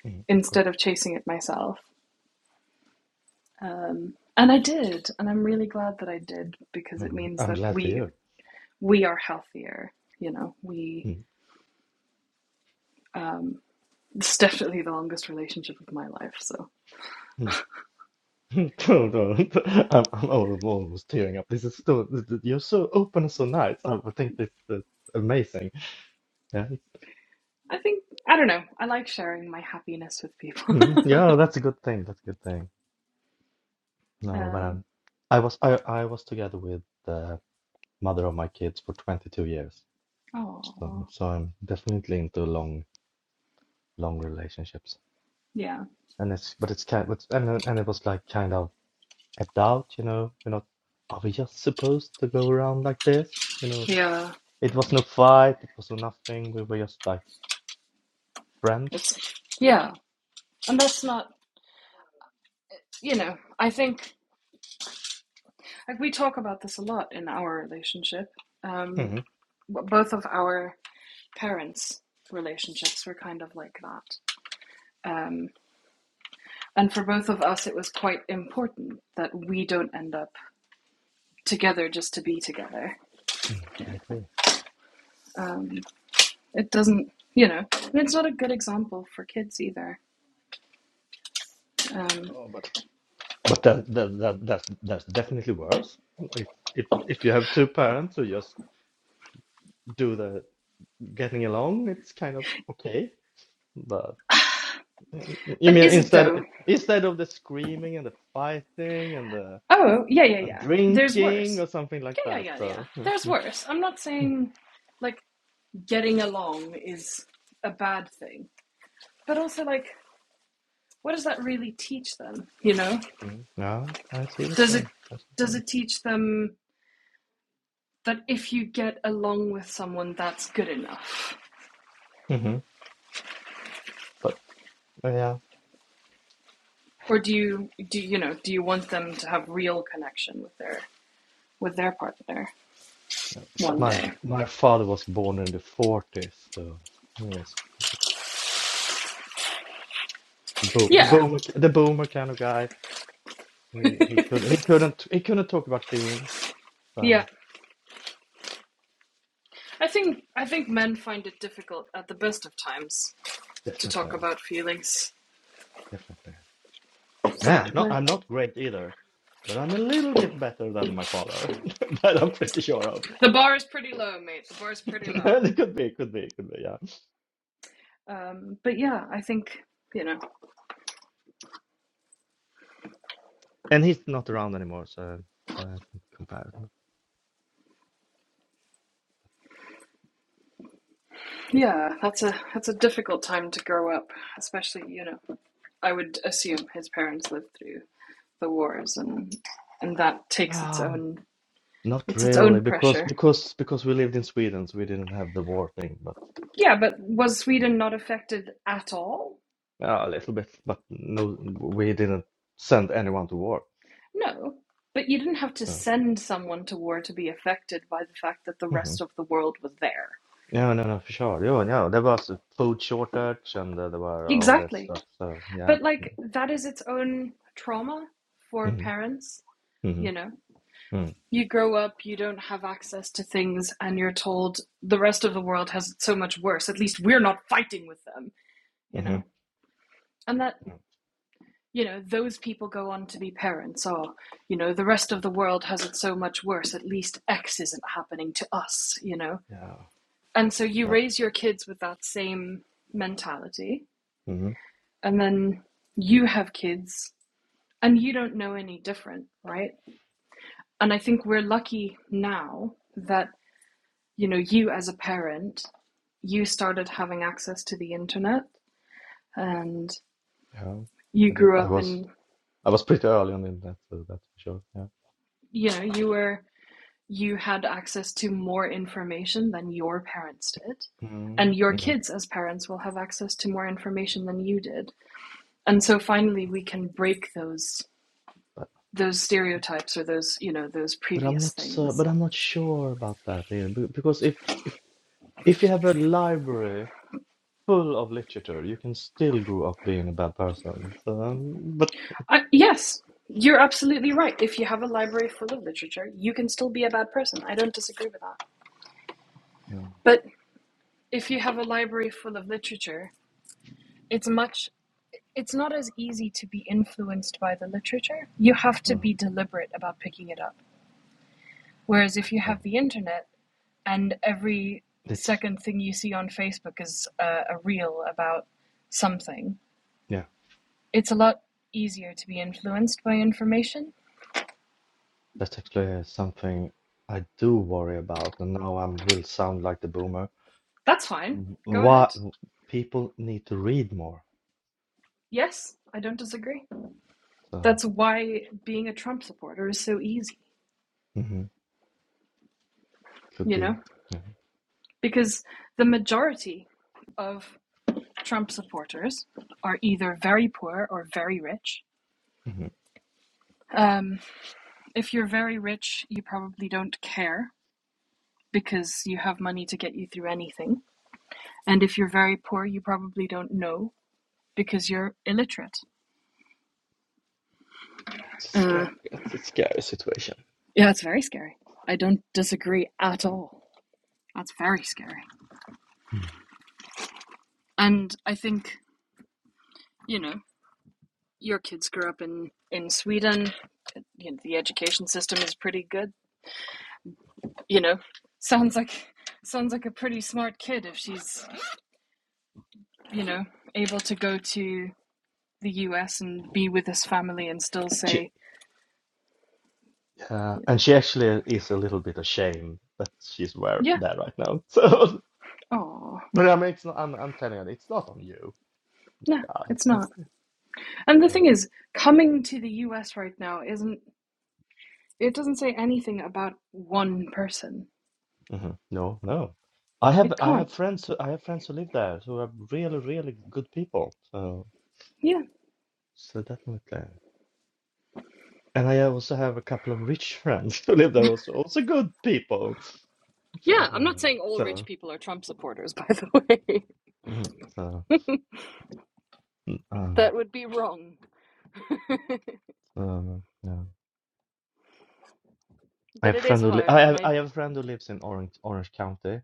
Speaker 4: hmm Cool.
Speaker 3: instead of chasing it myself. Um, and I did, and I'm really glad that I did because
Speaker 4: uh
Speaker 3: it means
Speaker 4: I'm
Speaker 3: that
Speaker 4: glad for
Speaker 3: we
Speaker 4: you.
Speaker 3: we are healthier. You know, we
Speaker 4: Mm-hmm.
Speaker 3: um, it's definitely the longest relationship of my life. So
Speaker 4: Don't, don't. I'm, I'm almost, almost tearing up. This is still, th- th- you're so open and so nice. I would think this is amazing. Yeah.
Speaker 3: I think I don't know. I like sharing my happiness with people.
Speaker 4: Mhm. Yeah, that's a good thing. That's a good thing. No, but
Speaker 3: um,
Speaker 4: I'm, I was, I, I was together with the mother of my kids for 22 years. So,
Speaker 3: oh,
Speaker 4: so I'm definitely into long, long relationships.
Speaker 3: yeah,
Speaker 4: And it's, but it's kind, but, and, then- and it was like kind of a doubt, you know, you know, are we just supposed to go around like this? You know,
Speaker 3: yeah,
Speaker 4: It
Speaker 3: yeah.
Speaker 4: was no fight, it was no nothing. We were just like friends.
Speaker 3: It's yeah, and that's not you know. I think Like we talk about this a lot in our relationship. Um,
Speaker 4: hmm
Speaker 3: both of our parents' relationships were kind of like that. Um, and for both of us, it was quite important that we don't end up together just to be together.
Speaker 4: I agree.
Speaker 3: Um, it doesn't, you know, and it's not a good example for kids either. Um,
Speaker 4: Oh, but but that, that that that's that's definitely worse. If if if you have two parents who just do the getting along, it's kind of okay. But mm, you
Speaker 3: but
Speaker 4: mean
Speaker 3: is it though?
Speaker 4: instead instead of the screaming and the fighting and the
Speaker 3: Oh, yeah, yeah,
Speaker 4: and
Speaker 3: yeah. There's
Speaker 4: drinking
Speaker 3: worse.
Speaker 4: or something like
Speaker 3: Yeah,
Speaker 4: that.
Speaker 3: yeah, yeah, yeah.
Speaker 4: So mm,
Speaker 3: There's
Speaker 4: mm,
Speaker 3: worse. I'm not
Speaker 4: mm,
Speaker 3: saying like getting along is a bad thing. but also like what does that really teach them you know
Speaker 4: mm. yeah, I see what
Speaker 3: does
Speaker 4: you're
Speaker 3: it
Speaker 4: saying. I see what you're
Speaker 3: does
Speaker 4: saying.
Speaker 3: it teach them that if you get along with someone that's good enough
Speaker 4: hmm But yeah,
Speaker 3: or do you do you know do you want them to have real connection with their with their partner
Speaker 4: Yeah.
Speaker 3: one
Speaker 4: My
Speaker 3: day
Speaker 4: my father was born in the forties, so he was the boom the
Speaker 3: yeah
Speaker 4: boomer the boomer kind of guy. He he could he couldn't he couldn't talk about feelings.
Speaker 3: yeah
Speaker 4: So
Speaker 3: i think i think men find it difficult at the best of times to talk
Speaker 4: definitely,
Speaker 3: about feelings
Speaker 4: definitely. Yeah,
Speaker 3: god
Speaker 4: no,
Speaker 3: men
Speaker 4: I'm not great either, but I'm a little bit better than my father. That I'm pretty sure of.
Speaker 3: the bar is pretty low mate the bar is pretty low
Speaker 4: It could be, could be, could be. Yeah,
Speaker 3: um, but yeah i think you know
Speaker 4: and he's not around anymore, so so I can compare.
Speaker 3: Yeah, that's a that's a difficult time to grow up, especially, you know, I would assume his parents lived through the wars and and that takes its
Speaker 4: Ah,
Speaker 3: own
Speaker 4: not
Speaker 3: it's its
Speaker 4: really,
Speaker 3: own
Speaker 4: because
Speaker 3: pressure.
Speaker 4: because because we lived in Sweden, so we didn't have the war thing, but.
Speaker 3: Yeah, but was Sweden not affected at all?
Speaker 4: Yeah, a little bit, but no, we didn't send anyone to war.
Speaker 3: No. But you didn't have to
Speaker 4: So,
Speaker 3: send someone to war to be affected by the fact that the
Speaker 4: hmm
Speaker 3: rest of the world was there.
Speaker 4: Yeah, no, no, for sure. Yeah, yeah, there was a food shortage and uh, there were all that
Speaker 3: Exactly.
Speaker 4: stuff. So, yeah.
Speaker 3: But like that is its own trauma for
Speaker 4: hmm
Speaker 3: parents,
Speaker 4: hmm
Speaker 3: you know.
Speaker 4: hmm
Speaker 3: you grow up, you don't have access to things, and you're told the rest of the world has it so much worse. At least we're not fighting with them, you
Speaker 4: hmm
Speaker 3: know? And that, you know, those people go on to be parents, or, you know, the rest of the world has it so much worse. At least X isn't happening to us, you know?
Speaker 4: Yeah,
Speaker 3: And so you
Speaker 4: yeah.
Speaker 3: raise your kids with that same mentality,
Speaker 4: hmm
Speaker 3: and then you have kids, and you don't know any different, right? And I think we're lucky now that, you know, you as a parent you started having access to the internet and
Speaker 4: Yeah,
Speaker 3: you
Speaker 4: I did.
Speaker 3: grew
Speaker 4: I
Speaker 3: up
Speaker 4: was,
Speaker 3: in,
Speaker 4: I was pretty early on in that, so that's for sure. Yeah.
Speaker 3: you know, you were, you had access to more information than your parents did.
Speaker 4: mm
Speaker 3: And your
Speaker 4: hmm
Speaker 3: kids, as parents, will have access to more information than you did. And so finally, we can break those
Speaker 4: But,
Speaker 3: those stereotypes or those you know those
Speaker 4: but I'm
Speaker 3: previous
Speaker 4: not so,
Speaker 3: things
Speaker 4: but I'm not sure about that, either, be- because if, if, if you have a library. full of literature. You can still grow up being a bad person. So, um, but
Speaker 3: I, yes you're absolutely right if you have a library full of literature you can still be a bad person i don't disagree with that
Speaker 4: mm,
Speaker 3: but if you have a library full of literature it's much it's not as easy to be influenced by the literature. You have to
Speaker 4: mm,
Speaker 3: be deliberate about picking it up. Whereas if
Speaker 4: that's
Speaker 3: you have
Speaker 4: fine.
Speaker 3: the internet and every
Speaker 4: It's
Speaker 3: second thing you see on Facebook is a, a reel about something,
Speaker 4: yeah,
Speaker 3: it's a lot easier to be influenced by information.
Speaker 4: that's actually something I do worry about. And now I will sound like the boomer.
Speaker 3: That's fine.
Speaker 4: W-
Speaker 3: Go
Speaker 4: Why
Speaker 3: ahead.
Speaker 4: people need to read more.
Speaker 3: Yes, I don't disagree.
Speaker 4: So
Speaker 3: That's why being a Trump supporter is so easy,
Speaker 4: mhm, could
Speaker 3: you
Speaker 4: be.
Speaker 3: know?
Speaker 4: Yeah.
Speaker 3: Because the majority of Trump supporters are either very poor or very rich.
Speaker 4: mhm.
Speaker 3: Um, if you're very rich, you probably don't care because you have money to get you through anything. And if you're very poor, you probably don't know because you're illiterate.
Speaker 4: It's a
Speaker 3: Uh,
Speaker 4: scary. It's a scary situation.
Speaker 3: yeah, it's very scary. I don't disagree at all. That's very scary.
Speaker 4: Mm.
Speaker 3: And I think, you know, your kids grew up in, in Sweden. You know, the education system is pretty good you know sounds like sounds like a pretty smart kid if she's you know able to go to the US and be with his family and still
Speaker 4: She,
Speaker 3: say
Speaker 4: uh, and she actually is a little bit ashamed that she's where
Speaker 3: yeah
Speaker 4: there right now. So,
Speaker 3: oh
Speaker 4: but I mean, it's not, I'm I'm telling her it's not on you.
Speaker 3: no
Speaker 4: Uh,
Speaker 3: it's
Speaker 4: it's not
Speaker 3: not and the
Speaker 4: no.
Speaker 3: thing is coming to the US right now isn't it doesn't say anything about one person
Speaker 4: hmm No, no. I have
Speaker 3: it
Speaker 4: I have
Speaker 3: can't
Speaker 4: friends who I have friends who live there who are really, really good people. So
Speaker 3: yeah
Speaker 4: so definitely. And I also have a couple of rich friends who live there also also good people. So
Speaker 3: yeah i'm not saying all rich
Speaker 4: so
Speaker 3: people are trump supporters by the way
Speaker 4: mhm, so um
Speaker 3: that would be wrong
Speaker 4: so yeah. I
Speaker 3: but
Speaker 4: have
Speaker 3: it
Speaker 4: friend
Speaker 3: is
Speaker 4: who li
Speaker 3: hard
Speaker 4: I
Speaker 3: and
Speaker 4: have
Speaker 3: i
Speaker 4: I have a friend who lives in Orange Orange County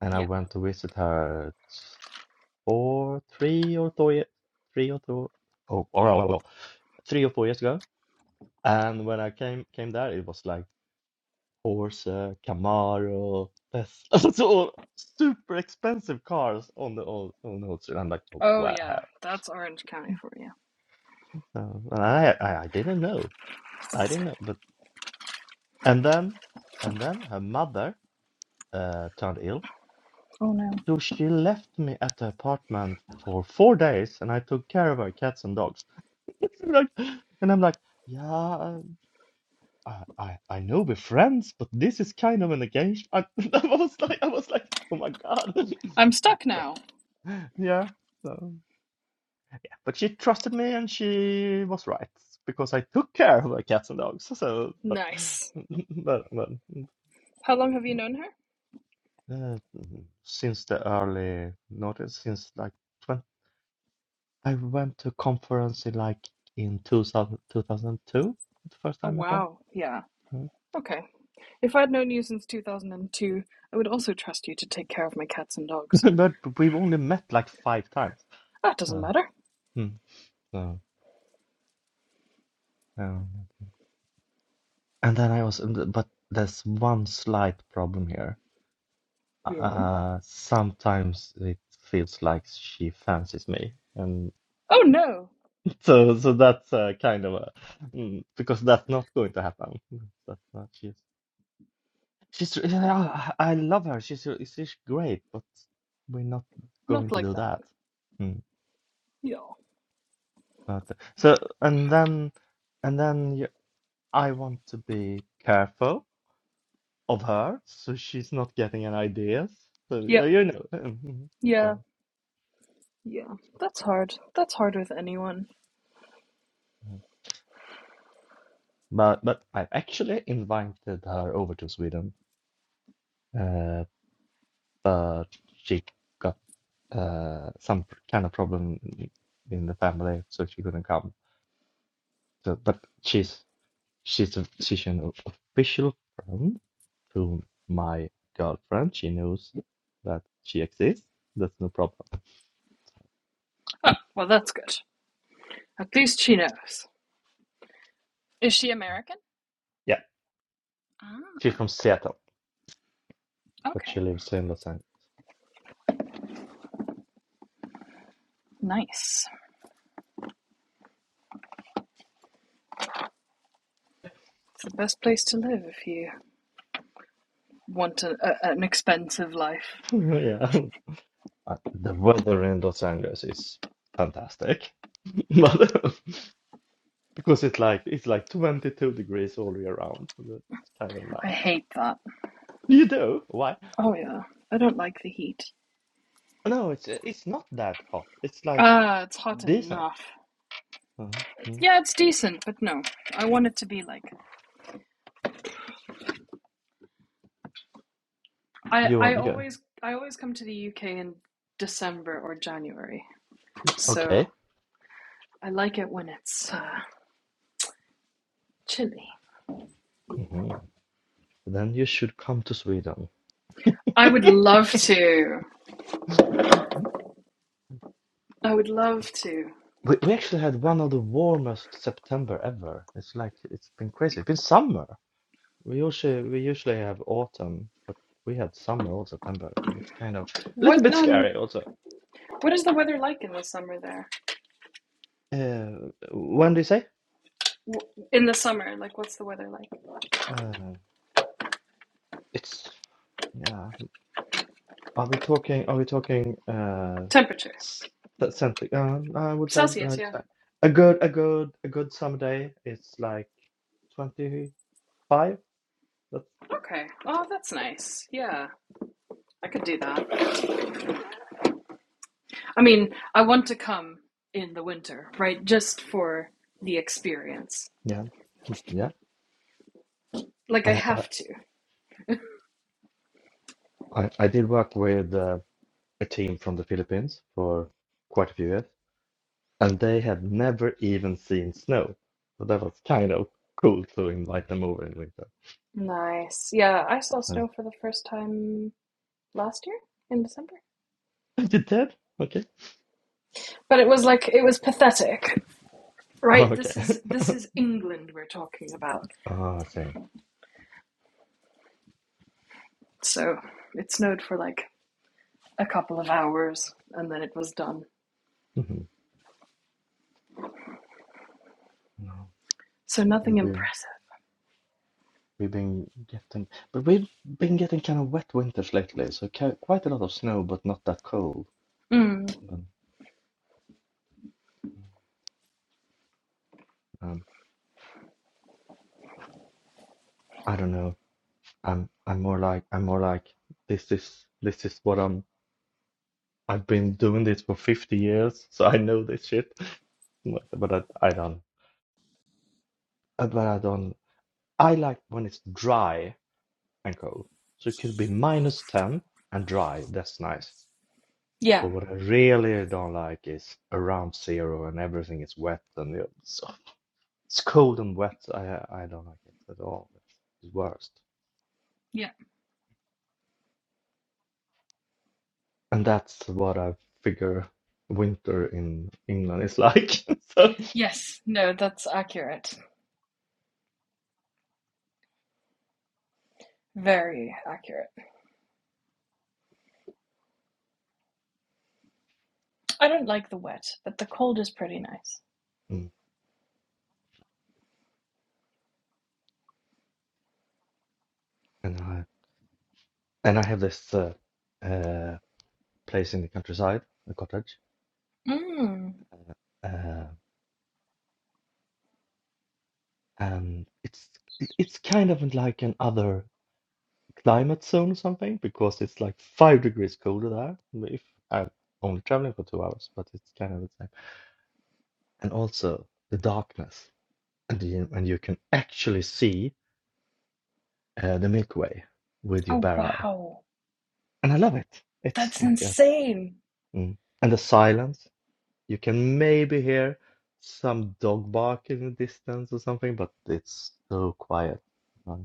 Speaker 4: and I
Speaker 3: yeah
Speaker 4: went to visit her four three or four ye- three or two oh, oh, oh, oh, three or four years ago And when I came came there, it was like Porsche, Camaro, Tesla, so all super expensive cars on the old on the old street. I'm like, oh,
Speaker 3: oh
Speaker 4: wow.
Speaker 3: yeah that's orange county for you
Speaker 4: So, and I, I I didn't know, I didn't know. But and then and then her mother uh, turned ill,
Speaker 3: oh no
Speaker 4: so she left me at the apartment for four days, and I took care of her cats and dogs. Like, and I'm like, yeah. I, I I know we're friends, but this is kind of an engagement. I, I was like, I was like, oh my God.
Speaker 3: I'm stuck
Speaker 4: So,
Speaker 3: now.
Speaker 4: yeah. So, but she trusted me, and she was right because I took care of her cats and dogs. So, but,
Speaker 3: Nice.
Speaker 4: but, but
Speaker 3: How long have you known her?
Speaker 4: uh, since the early notice, since like twenty, I went to a conference in like in 2000, the first
Speaker 3: Oh,
Speaker 4: time I met her.
Speaker 3: wow. Yeah.
Speaker 4: Mm.
Speaker 3: Okay. If I'd known you since 2002, I would also trust you to take care of my cats and dogs.
Speaker 4: But we've only met like five times.
Speaker 3: That doesn't
Speaker 4: So,
Speaker 3: matter.
Speaker 4: mm, so. Um, and then I was, and th- but there's one slight problem here. Uh,
Speaker 3: Yeah.
Speaker 4: uh, sometimes it feels like she fancies me, and
Speaker 3: Oh, no.
Speaker 4: so so that's uh, kind of a mm, because that's not going to happen. That's not she's she's yeah, I I love her. She's she's great, but we're not
Speaker 3: Not
Speaker 4: going to
Speaker 3: like
Speaker 4: do
Speaker 3: that.
Speaker 4: that. Mm,
Speaker 3: Yeah.
Speaker 4: but so and then and then you, I want to be careful of her, so she's not getting any ideas. So uh,
Speaker 3: Yep.
Speaker 4: you know, so
Speaker 3: Yeah. Yeah. yeah. That's hard. That's hard with anyone.
Speaker 4: uh, but but I've actually invited her over to Sweden, uh, but she got uh, some pr- kind of problem in in the family, so she couldn't come. So, but she's she's a she's an o- official friend to my girlfriend. She knows that she exists. That's no problem.
Speaker 3: Oh, well, that's good. At least she knows. Is she American?
Speaker 4: Yeah, she's
Speaker 3: Ah.
Speaker 4: from Seattle, but
Speaker 3: Okay.
Speaker 4: she lives in Los Angeles.
Speaker 3: Nice. It's the best place to live if you want a, a, an expensive life.
Speaker 4: yeah. Uh, the weather in Los Angeles is fantastic, but because it's like it's like 22 degrees all year round, so that's kind of
Speaker 3: I
Speaker 4: nice.
Speaker 3: hate that.
Speaker 4: You do? Why?
Speaker 3: Oh yeah, I don't like the heat.
Speaker 4: No, it's it's not that hot. It's like
Speaker 3: Ah, uh, it's hot
Speaker 4: decent.
Speaker 3: enough.
Speaker 4: Uh-huh. Mm.
Speaker 3: Yeah, it's decent, but no, I want it to be like I
Speaker 4: You
Speaker 3: I
Speaker 4: want you go?
Speaker 3: always I always come to the UK in December or January,
Speaker 4: Okay.
Speaker 3: so I like it when it's uh, chilly.
Speaker 4: hmm Then you should come to Sweden.
Speaker 3: I would love to. I would love to.
Speaker 4: We we actually had one of the warmest September ever. It's like it's been crazy. It's been summer. We usually we usually have autumn, but we had summer all September. It's kind of a little
Speaker 3: What
Speaker 4: bit
Speaker 3: um,
Speaker 4: scary also.
Speaker 3: what is the weather like in the summer there?
Speaker 4: Uh, when do you say?
Speaker 3: In the summer, like what's the weather like?
Speaker 4: Uh, it's yeah. Are we talking? Are we talking? Uh,
Speaker 3: Temperature.
Speaker 4: s- something. Uh, I would like,
Speaker 3: Celsius,
Speaker 4: like to
Speaker 3: yeah.
Speaker 4: say a good, a good, a good summer day. It's like twenty five. That's
Speaker 3: Okay. Oh, that's nice. Yeah, I could do that. I mean, I want to come in the winter, right? Just for the experience.
Speaker 4: yeah, yeah.
Speaker 3: Like, I
Speaker 4: I I
Speaker 3: have to.
Speaker 4: I, I did work with uh, a team from the Philippines for quite a few years. and they have never even seen snow. So that was kind of cool to invite them over in winter.
Speaker 3: Nice. Yeah, I saw
Speaker 4: So,
Speaker 3: snow for the first time last year in December.
Speaker 4: is it Okay.
Speaker 3: But it was like, it was pathetic.
Speaker 4: Oh,
Speaker 3: Right?
Speaker 4: okay.
Speaker 3: This is, this is England we're talking about.
Speaker 4: Oh, I see.
Speaker 3: So it snowed for like a couple of hours and then it was done.
Speaker 4: hmm No,
Speaker 3: So
Speaker 4: we've
Speaker 3: nothing
Speaker 4: been
Speaker 3: impressive.
Speaker 4: we've been getting, but we've been getting kind of wet winters lately. So ki- quite a lot of snow, but not that cold.
Speaker 3: Mm.
Speaker 4: And, um, I don't know. I'm I'm more like I'm more like this is this is what I'm. I've been doing this for 50 years, so I know this shit. But, but I, I don't. about on I like when it's dry and cold. So it could be minus 10 and dry. That's nice. But
Speaker 3: Yeah.
Speaker 4: what I really don't like is around zero and everything is wet and it's, it's cold and wet. I I don't like it at all. It's the worst.
Speaker 3: Yeah.
Speaker 4: And that's what I figure winter in England is like. so,
Speaker 3: Yes. No, that's accurate. Very accurate. I don't like the wet, but the cold is pretty nice.
Speaker 4: mm. and I and I have this uh, uh, place in the countryside, a cottage.
Speaker 3: Hmm.
Speaker 4: uh, uh, and it's it- it's kind of like another climate zone or something because it's like five degrees colder there But if I'm only traveling for two hours, but it's kind of the same. And also the darkness, and you, and you can actually see uh, the Milky Way with your
Speaker 3: Oh,
Speaker 4: bare eye,
Speaker 3: wow.
Speaker 4: and I love it. It's
Speaker 3: That's
Speaker 4: like a
Speaker 3: insane.
Speaker 4: mm. and the silence. You can maybe hear some dog bark in the distance or something, but it's so quiet. Right.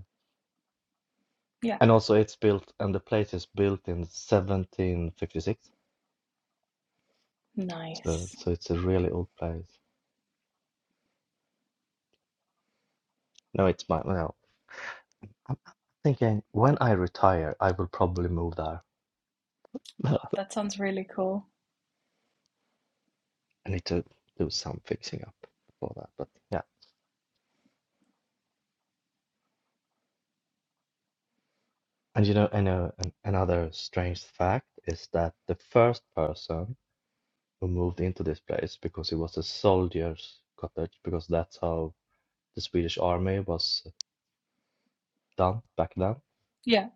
Speaker 3: Yeah.
Speaker 4: And also it's built and the place is built in 1756. So
Speaker 3: Nice.
Speaker 4: so it's a really old place. No, it's my no. I'm I'm thinking when I retire, I will probably move there. I
Speaker 3: Oh, that sounds really cool.
Speaker 4: need to do some fixing up before that. But yeah. And you know, and uh, an- another strange fact is that the first person who moved into this place because it was a soldier's cottage because that's how the Swedish army was done back then.
Speaker 3: Yeah.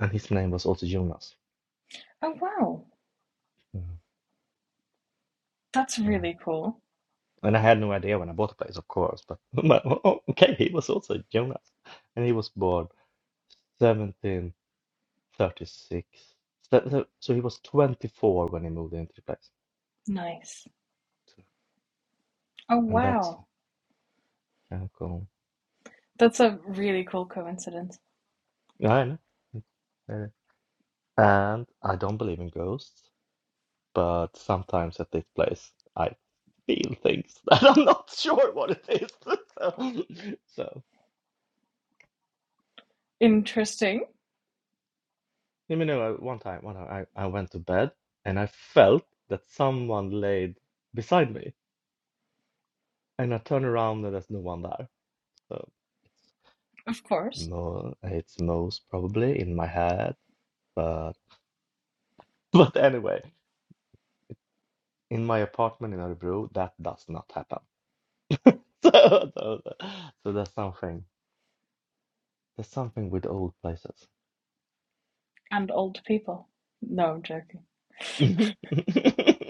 Speaker 4: And his name was also Jonas.
Speaker 3: Oh, wow.
Speaker 4: Mm.
Speaker 3: That's
Speaker 4: Uh,
Speaker 3: really cool.
Speaker 4: And I had no idea when I bought the place, of course, but but, oh, okay, he was also Jonas, and he was born 1736. So, so so he was 24 when he moved into the place,
Speaker 3: Nice. Oh,
Speaker 4: and that's
Speaker 3: wow.
Speaker 4: kind of cool.
Speaker 3: That's a really cool coincidence.
Speaker 4: Yeah, I know. It's very- And I don't believe in ghosts, but sometimes at this place I feel things that I'm not sure what it is. So,
Speaker 3: Interesting,
Speaker 4: You know, uh, one time, one time I, I went to bed and I felt that someone laid beside me, and I turned around and there's no one there. So it's
Speaker 3: of course.
Speaker 4: Mo, it's most probably in my head, but but anyway, in my apartment in Örebro, that does not happen. So so, so there's something there's something with old places.
Speaker 3: And old people. No, I'm joking.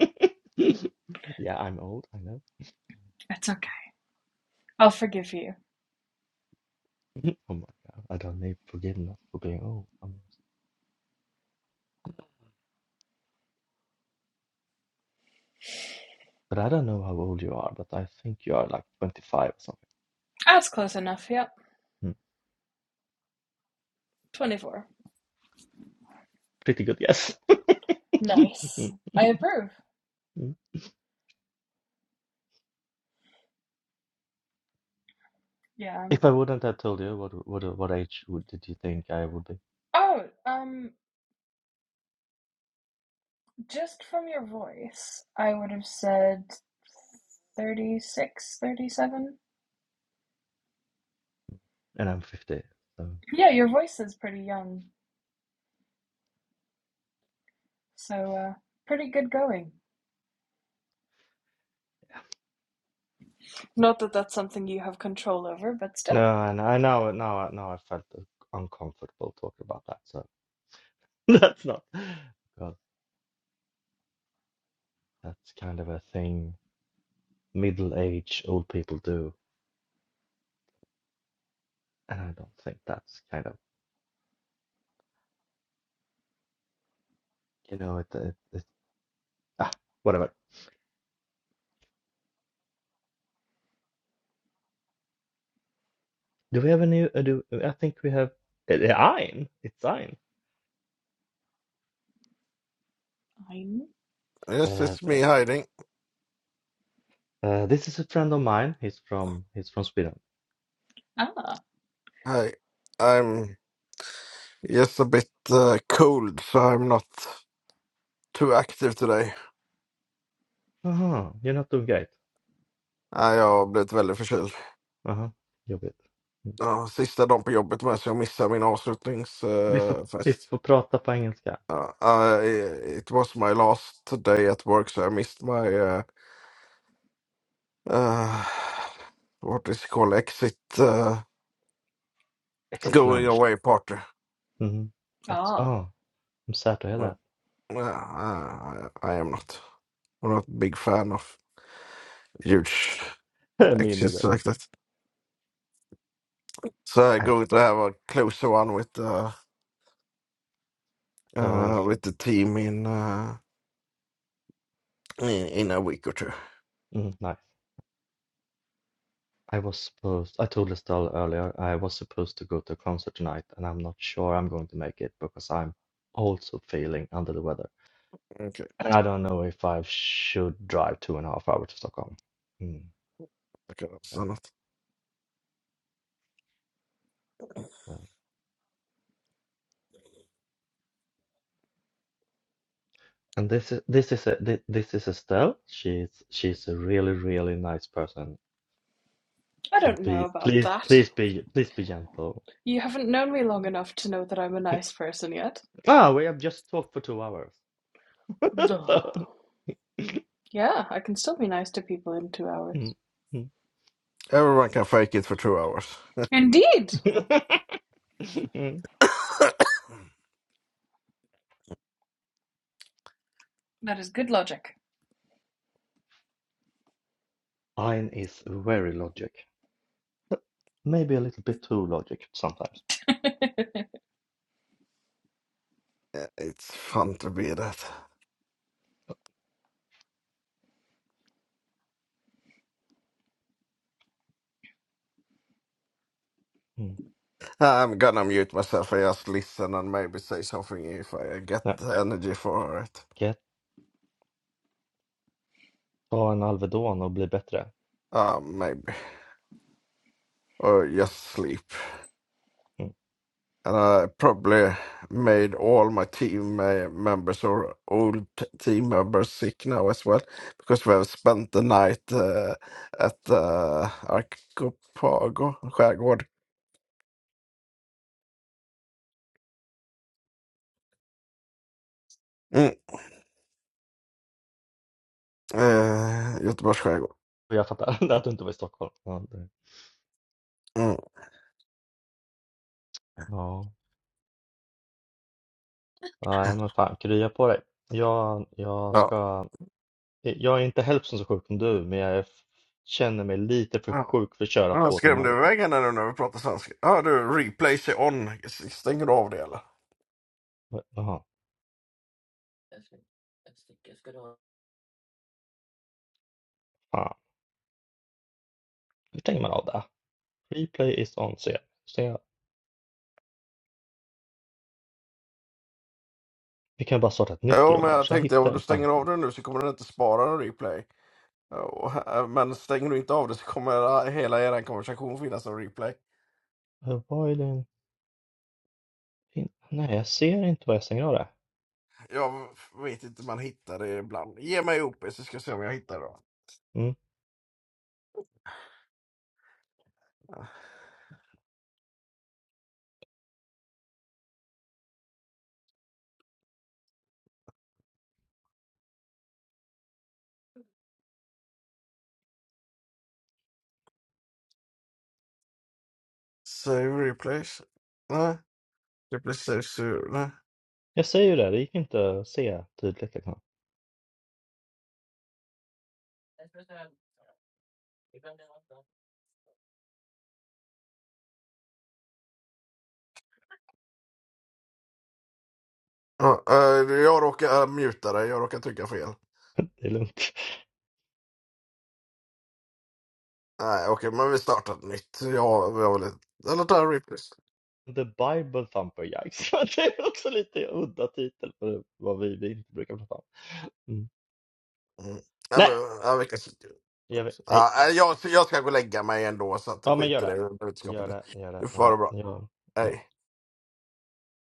Speaker 4: Yeah, I'm old, I know.
Speaker 3: It's okay. I'll forgive you.
Speaker 4: Oh my God, I don't need forgiveness for being old. But I don't know how old you are, but I think you are like 25 or something.
Speaker 3: That's close enough. Yep.
Speaker 4: Mm.
Speaker 3: 24.
Speaker 4: Pretty good guess.
Speaker 3: Nice.
Speaker 4: Mm,
Speaker 3: I approve.
Speaker 4: mm.
Speaker 3: Yeah.
Speaker 4: If I wouldn't have told you, what what what age would, did you think I would be?
Speaker 3: Oh, um, Just from your voice, I would have said 36, 37.
Speaker 4: And I'm 50. So.
Speaker 3: Yeah, your voice is pretty young, so uh, pretty good going. Not that that's something you have control over, but still.
Speaker 4: No, and I know now now I felt uh, uncomfortable talking about that. So that's not because that's kind of a thing middle aged old people do, and I don't think that's kind of you know it, it, it ah whatever. Do we have any? Uh, do I think we have uh, Ein? It's Ein.
Speaker 3: I'm.
Speaker 5: Yes,
Speaker 4: Uh,
Speaker 5: it's me hiding.
Speaker 4: Uh, this is a friend of mine. He's from he's from Sweden.
Speaker 3: Ah.
Speaker 5: Hi. I'm just a bit uh, cold, so I'm not too active today.
Speaker 4: Aha, you're not doing great.
Speaker 5: Nej, jag har blivit väldigt förkyld.
Speaker 4: Aha, jobbigt. Mm.
Speaker 5: Ja, sista dagen på jobbet med, så jag missar min
Speaker 4: Vi får, vi
Speaker 5: avslutningsfest.
Speaker 4: får prata på engelska.
Speaker 5: Ja, I, it was my last day at work, so I missed my, uh, uh, what is it called, exit uh,
Speaker 4: Exit
Speaker 5: going
Speaker 4: lunch.
Speaker 5: away party.
Speaker 4: Mhm. That's,
Speaker 3: Ah.
Speaker 4: oh, I'm sad to hear
Speaker 5: Well,
Speaker 4: that.
Speaker 5: Yeah, I, I am not. I'm not a big fan of huge
Speaker 4: Me
Speaker 5: exits
Speaker 4: neither.
Speaker 5: like that. So
Speaker 4: I
Speaker 5: going to have a closer one with uh,
Speaker 4: told,
Speaker 5: uh with the team in uh in, in a week or two.
Speaker 4: mm, nice. I was supposed, I told Estelle earlier, I was supposed to go to a concert tonight and I'm not sure I'm going to make it because I'm also feeling under the weather.
Speaker 5: Okay,
Speaker 4: And I don't know if I should drive two and a half hours to Stockholm. Mm,
Speaker 5: okay, that's
Speaker 4: yeah,
Speaker 5: not.
Speaker 4: yeah. And this is this is a, thi- this is Estelle. She's she's a really really nice person.
Speaker 3: I
Speaker 4: So
Speaker 3: don't know
Speaker 4: be
Speaker 3: about
Speaker 4: please
Speaker 3: that.
Speaker 4: please be please be gentle.
Speaker 3: You haven't known me long enough to know that I'm a nice person yet.
Speaker 4: Ah, we have just talked for two hours.
Speaker 3: Duh.
Speaker 4: So,
Speaker 3: Yeah, I can still be nice to people in two hours.
Speaker 4: mm,
Speaker 5: Everyone can fake it for two hours.
Speaker 3: Indeed!
Speaker 4: mm.
Speaker 3: That is good logic.
Speaker 4: Ein is very logic. Maybe a little bit too logic sometimes.
Speaker 5: Yeah, It's fun to be that.
Speaker 4: Mm.
Speaker 5: I'm gonna mute myself and just listen and maybe say something if I get
Speaker 4: Nej,
Speaker 5: the energy for it.
Speaker 4: get, ta en Alvedon och bli bättre.
Speaker 5: Uh, maybe. Or just sleep.
Speaker 4: Mm.
Speaker 5: and I probably made all my team uh, members or old t- team members sick now as well because we have spent the night uh, at uh, Arkopago skärgård, mm. eh, Göteborgs skärgård.
Speaker 4: Och Jag fattar att du inte var i Stockholm. Ja, det,
Speaker 5: Mm.
Speaker 4: ja. Nej, men fan, krya på dig. Jag, jag
Speaker 5: Ja.
Speaker 4: ska. Eh, Jag är inte hälften så sjuk som du, men jag är, känner mig lite för
Speaker 5: Ja,
Speaker 4: sjuk för att köra
Speaker 5: Jag
Speaker 4: två timmar.
Speaker 5: skrämde
Speaker 4: Liksom.
Speaker 5: iväg henne nu när vi pratar svenska. Ja, du, replay sig on. Stänger du av det eller?
Speaker 4: Jaha, fan. Hur stänger man av det? Replay is on, ser jag. Så jag. Vi kan bara starta ett nytt
Speaker 5: Jo,
Speaker 4: rum
Speaker 5: men jag
Speaker 4: annars. Jag
Speaker 5: tänkte
Speaker 4: hittar
Speaker 5: om du
Speaker 4: den fan
Speaker 5: stänger av
Speaker 4: inte.
Speaker 5: det nu så kommer den inte spara en replay. Och, eh, men stänger du inte av det så kommer hela er konversation finnas som replay.
Speaker 4: Eh, Vad är den? fin- Nej, jag ser inte vad jag stänger av det.
Speaker 5: Jag vet inte, man hittar det ibland. Ge mig upp så ska jag se om jag hittar det.
Speaker 4: Mm.
Speaker 5: då. Save replays. Nej, replay save? to... Nej.
Speaker 4: Jag säger ju det, det gick inte att se tydligt. Liksom.
Speaker 5: Ja, eh, jag råkar uh, muta dig, jag råkar trycka fel.
Speaker 4: Det är lugnt.
Speaker 5: Nej, okej, men vi startar ett nytt. Jag, jag vill inte... Eller ta replays.
Speaker 4: The Bible Thumper Yikes. Det är också lite udda titel för vad vi, vi inte brukar prata om. Mm.
Speaker 5: Mm. Nej,
Speaker 4: Nej,
Speaker 5: men, ja, vi kan...
Speaker 4: det gör vi. Nej.
Speaker 5: ja, eh, jag, jag ska gå och lägga mig ändå, så att,
Speaker 4: Ja, men
Speaker 5: skit
Speaker 4: gör
Speaker 5: i
Speaker 4: det.
Speaker 5: det
Speaker 4: Gör
Speaker 5: budskapet.
Speaker 4: det, gör det.
Speaker 5: Du får ha det
Speaker 4: Ja,
Speaker 5: bra.
Speaker 4: ja,
Speaker 5: Hej.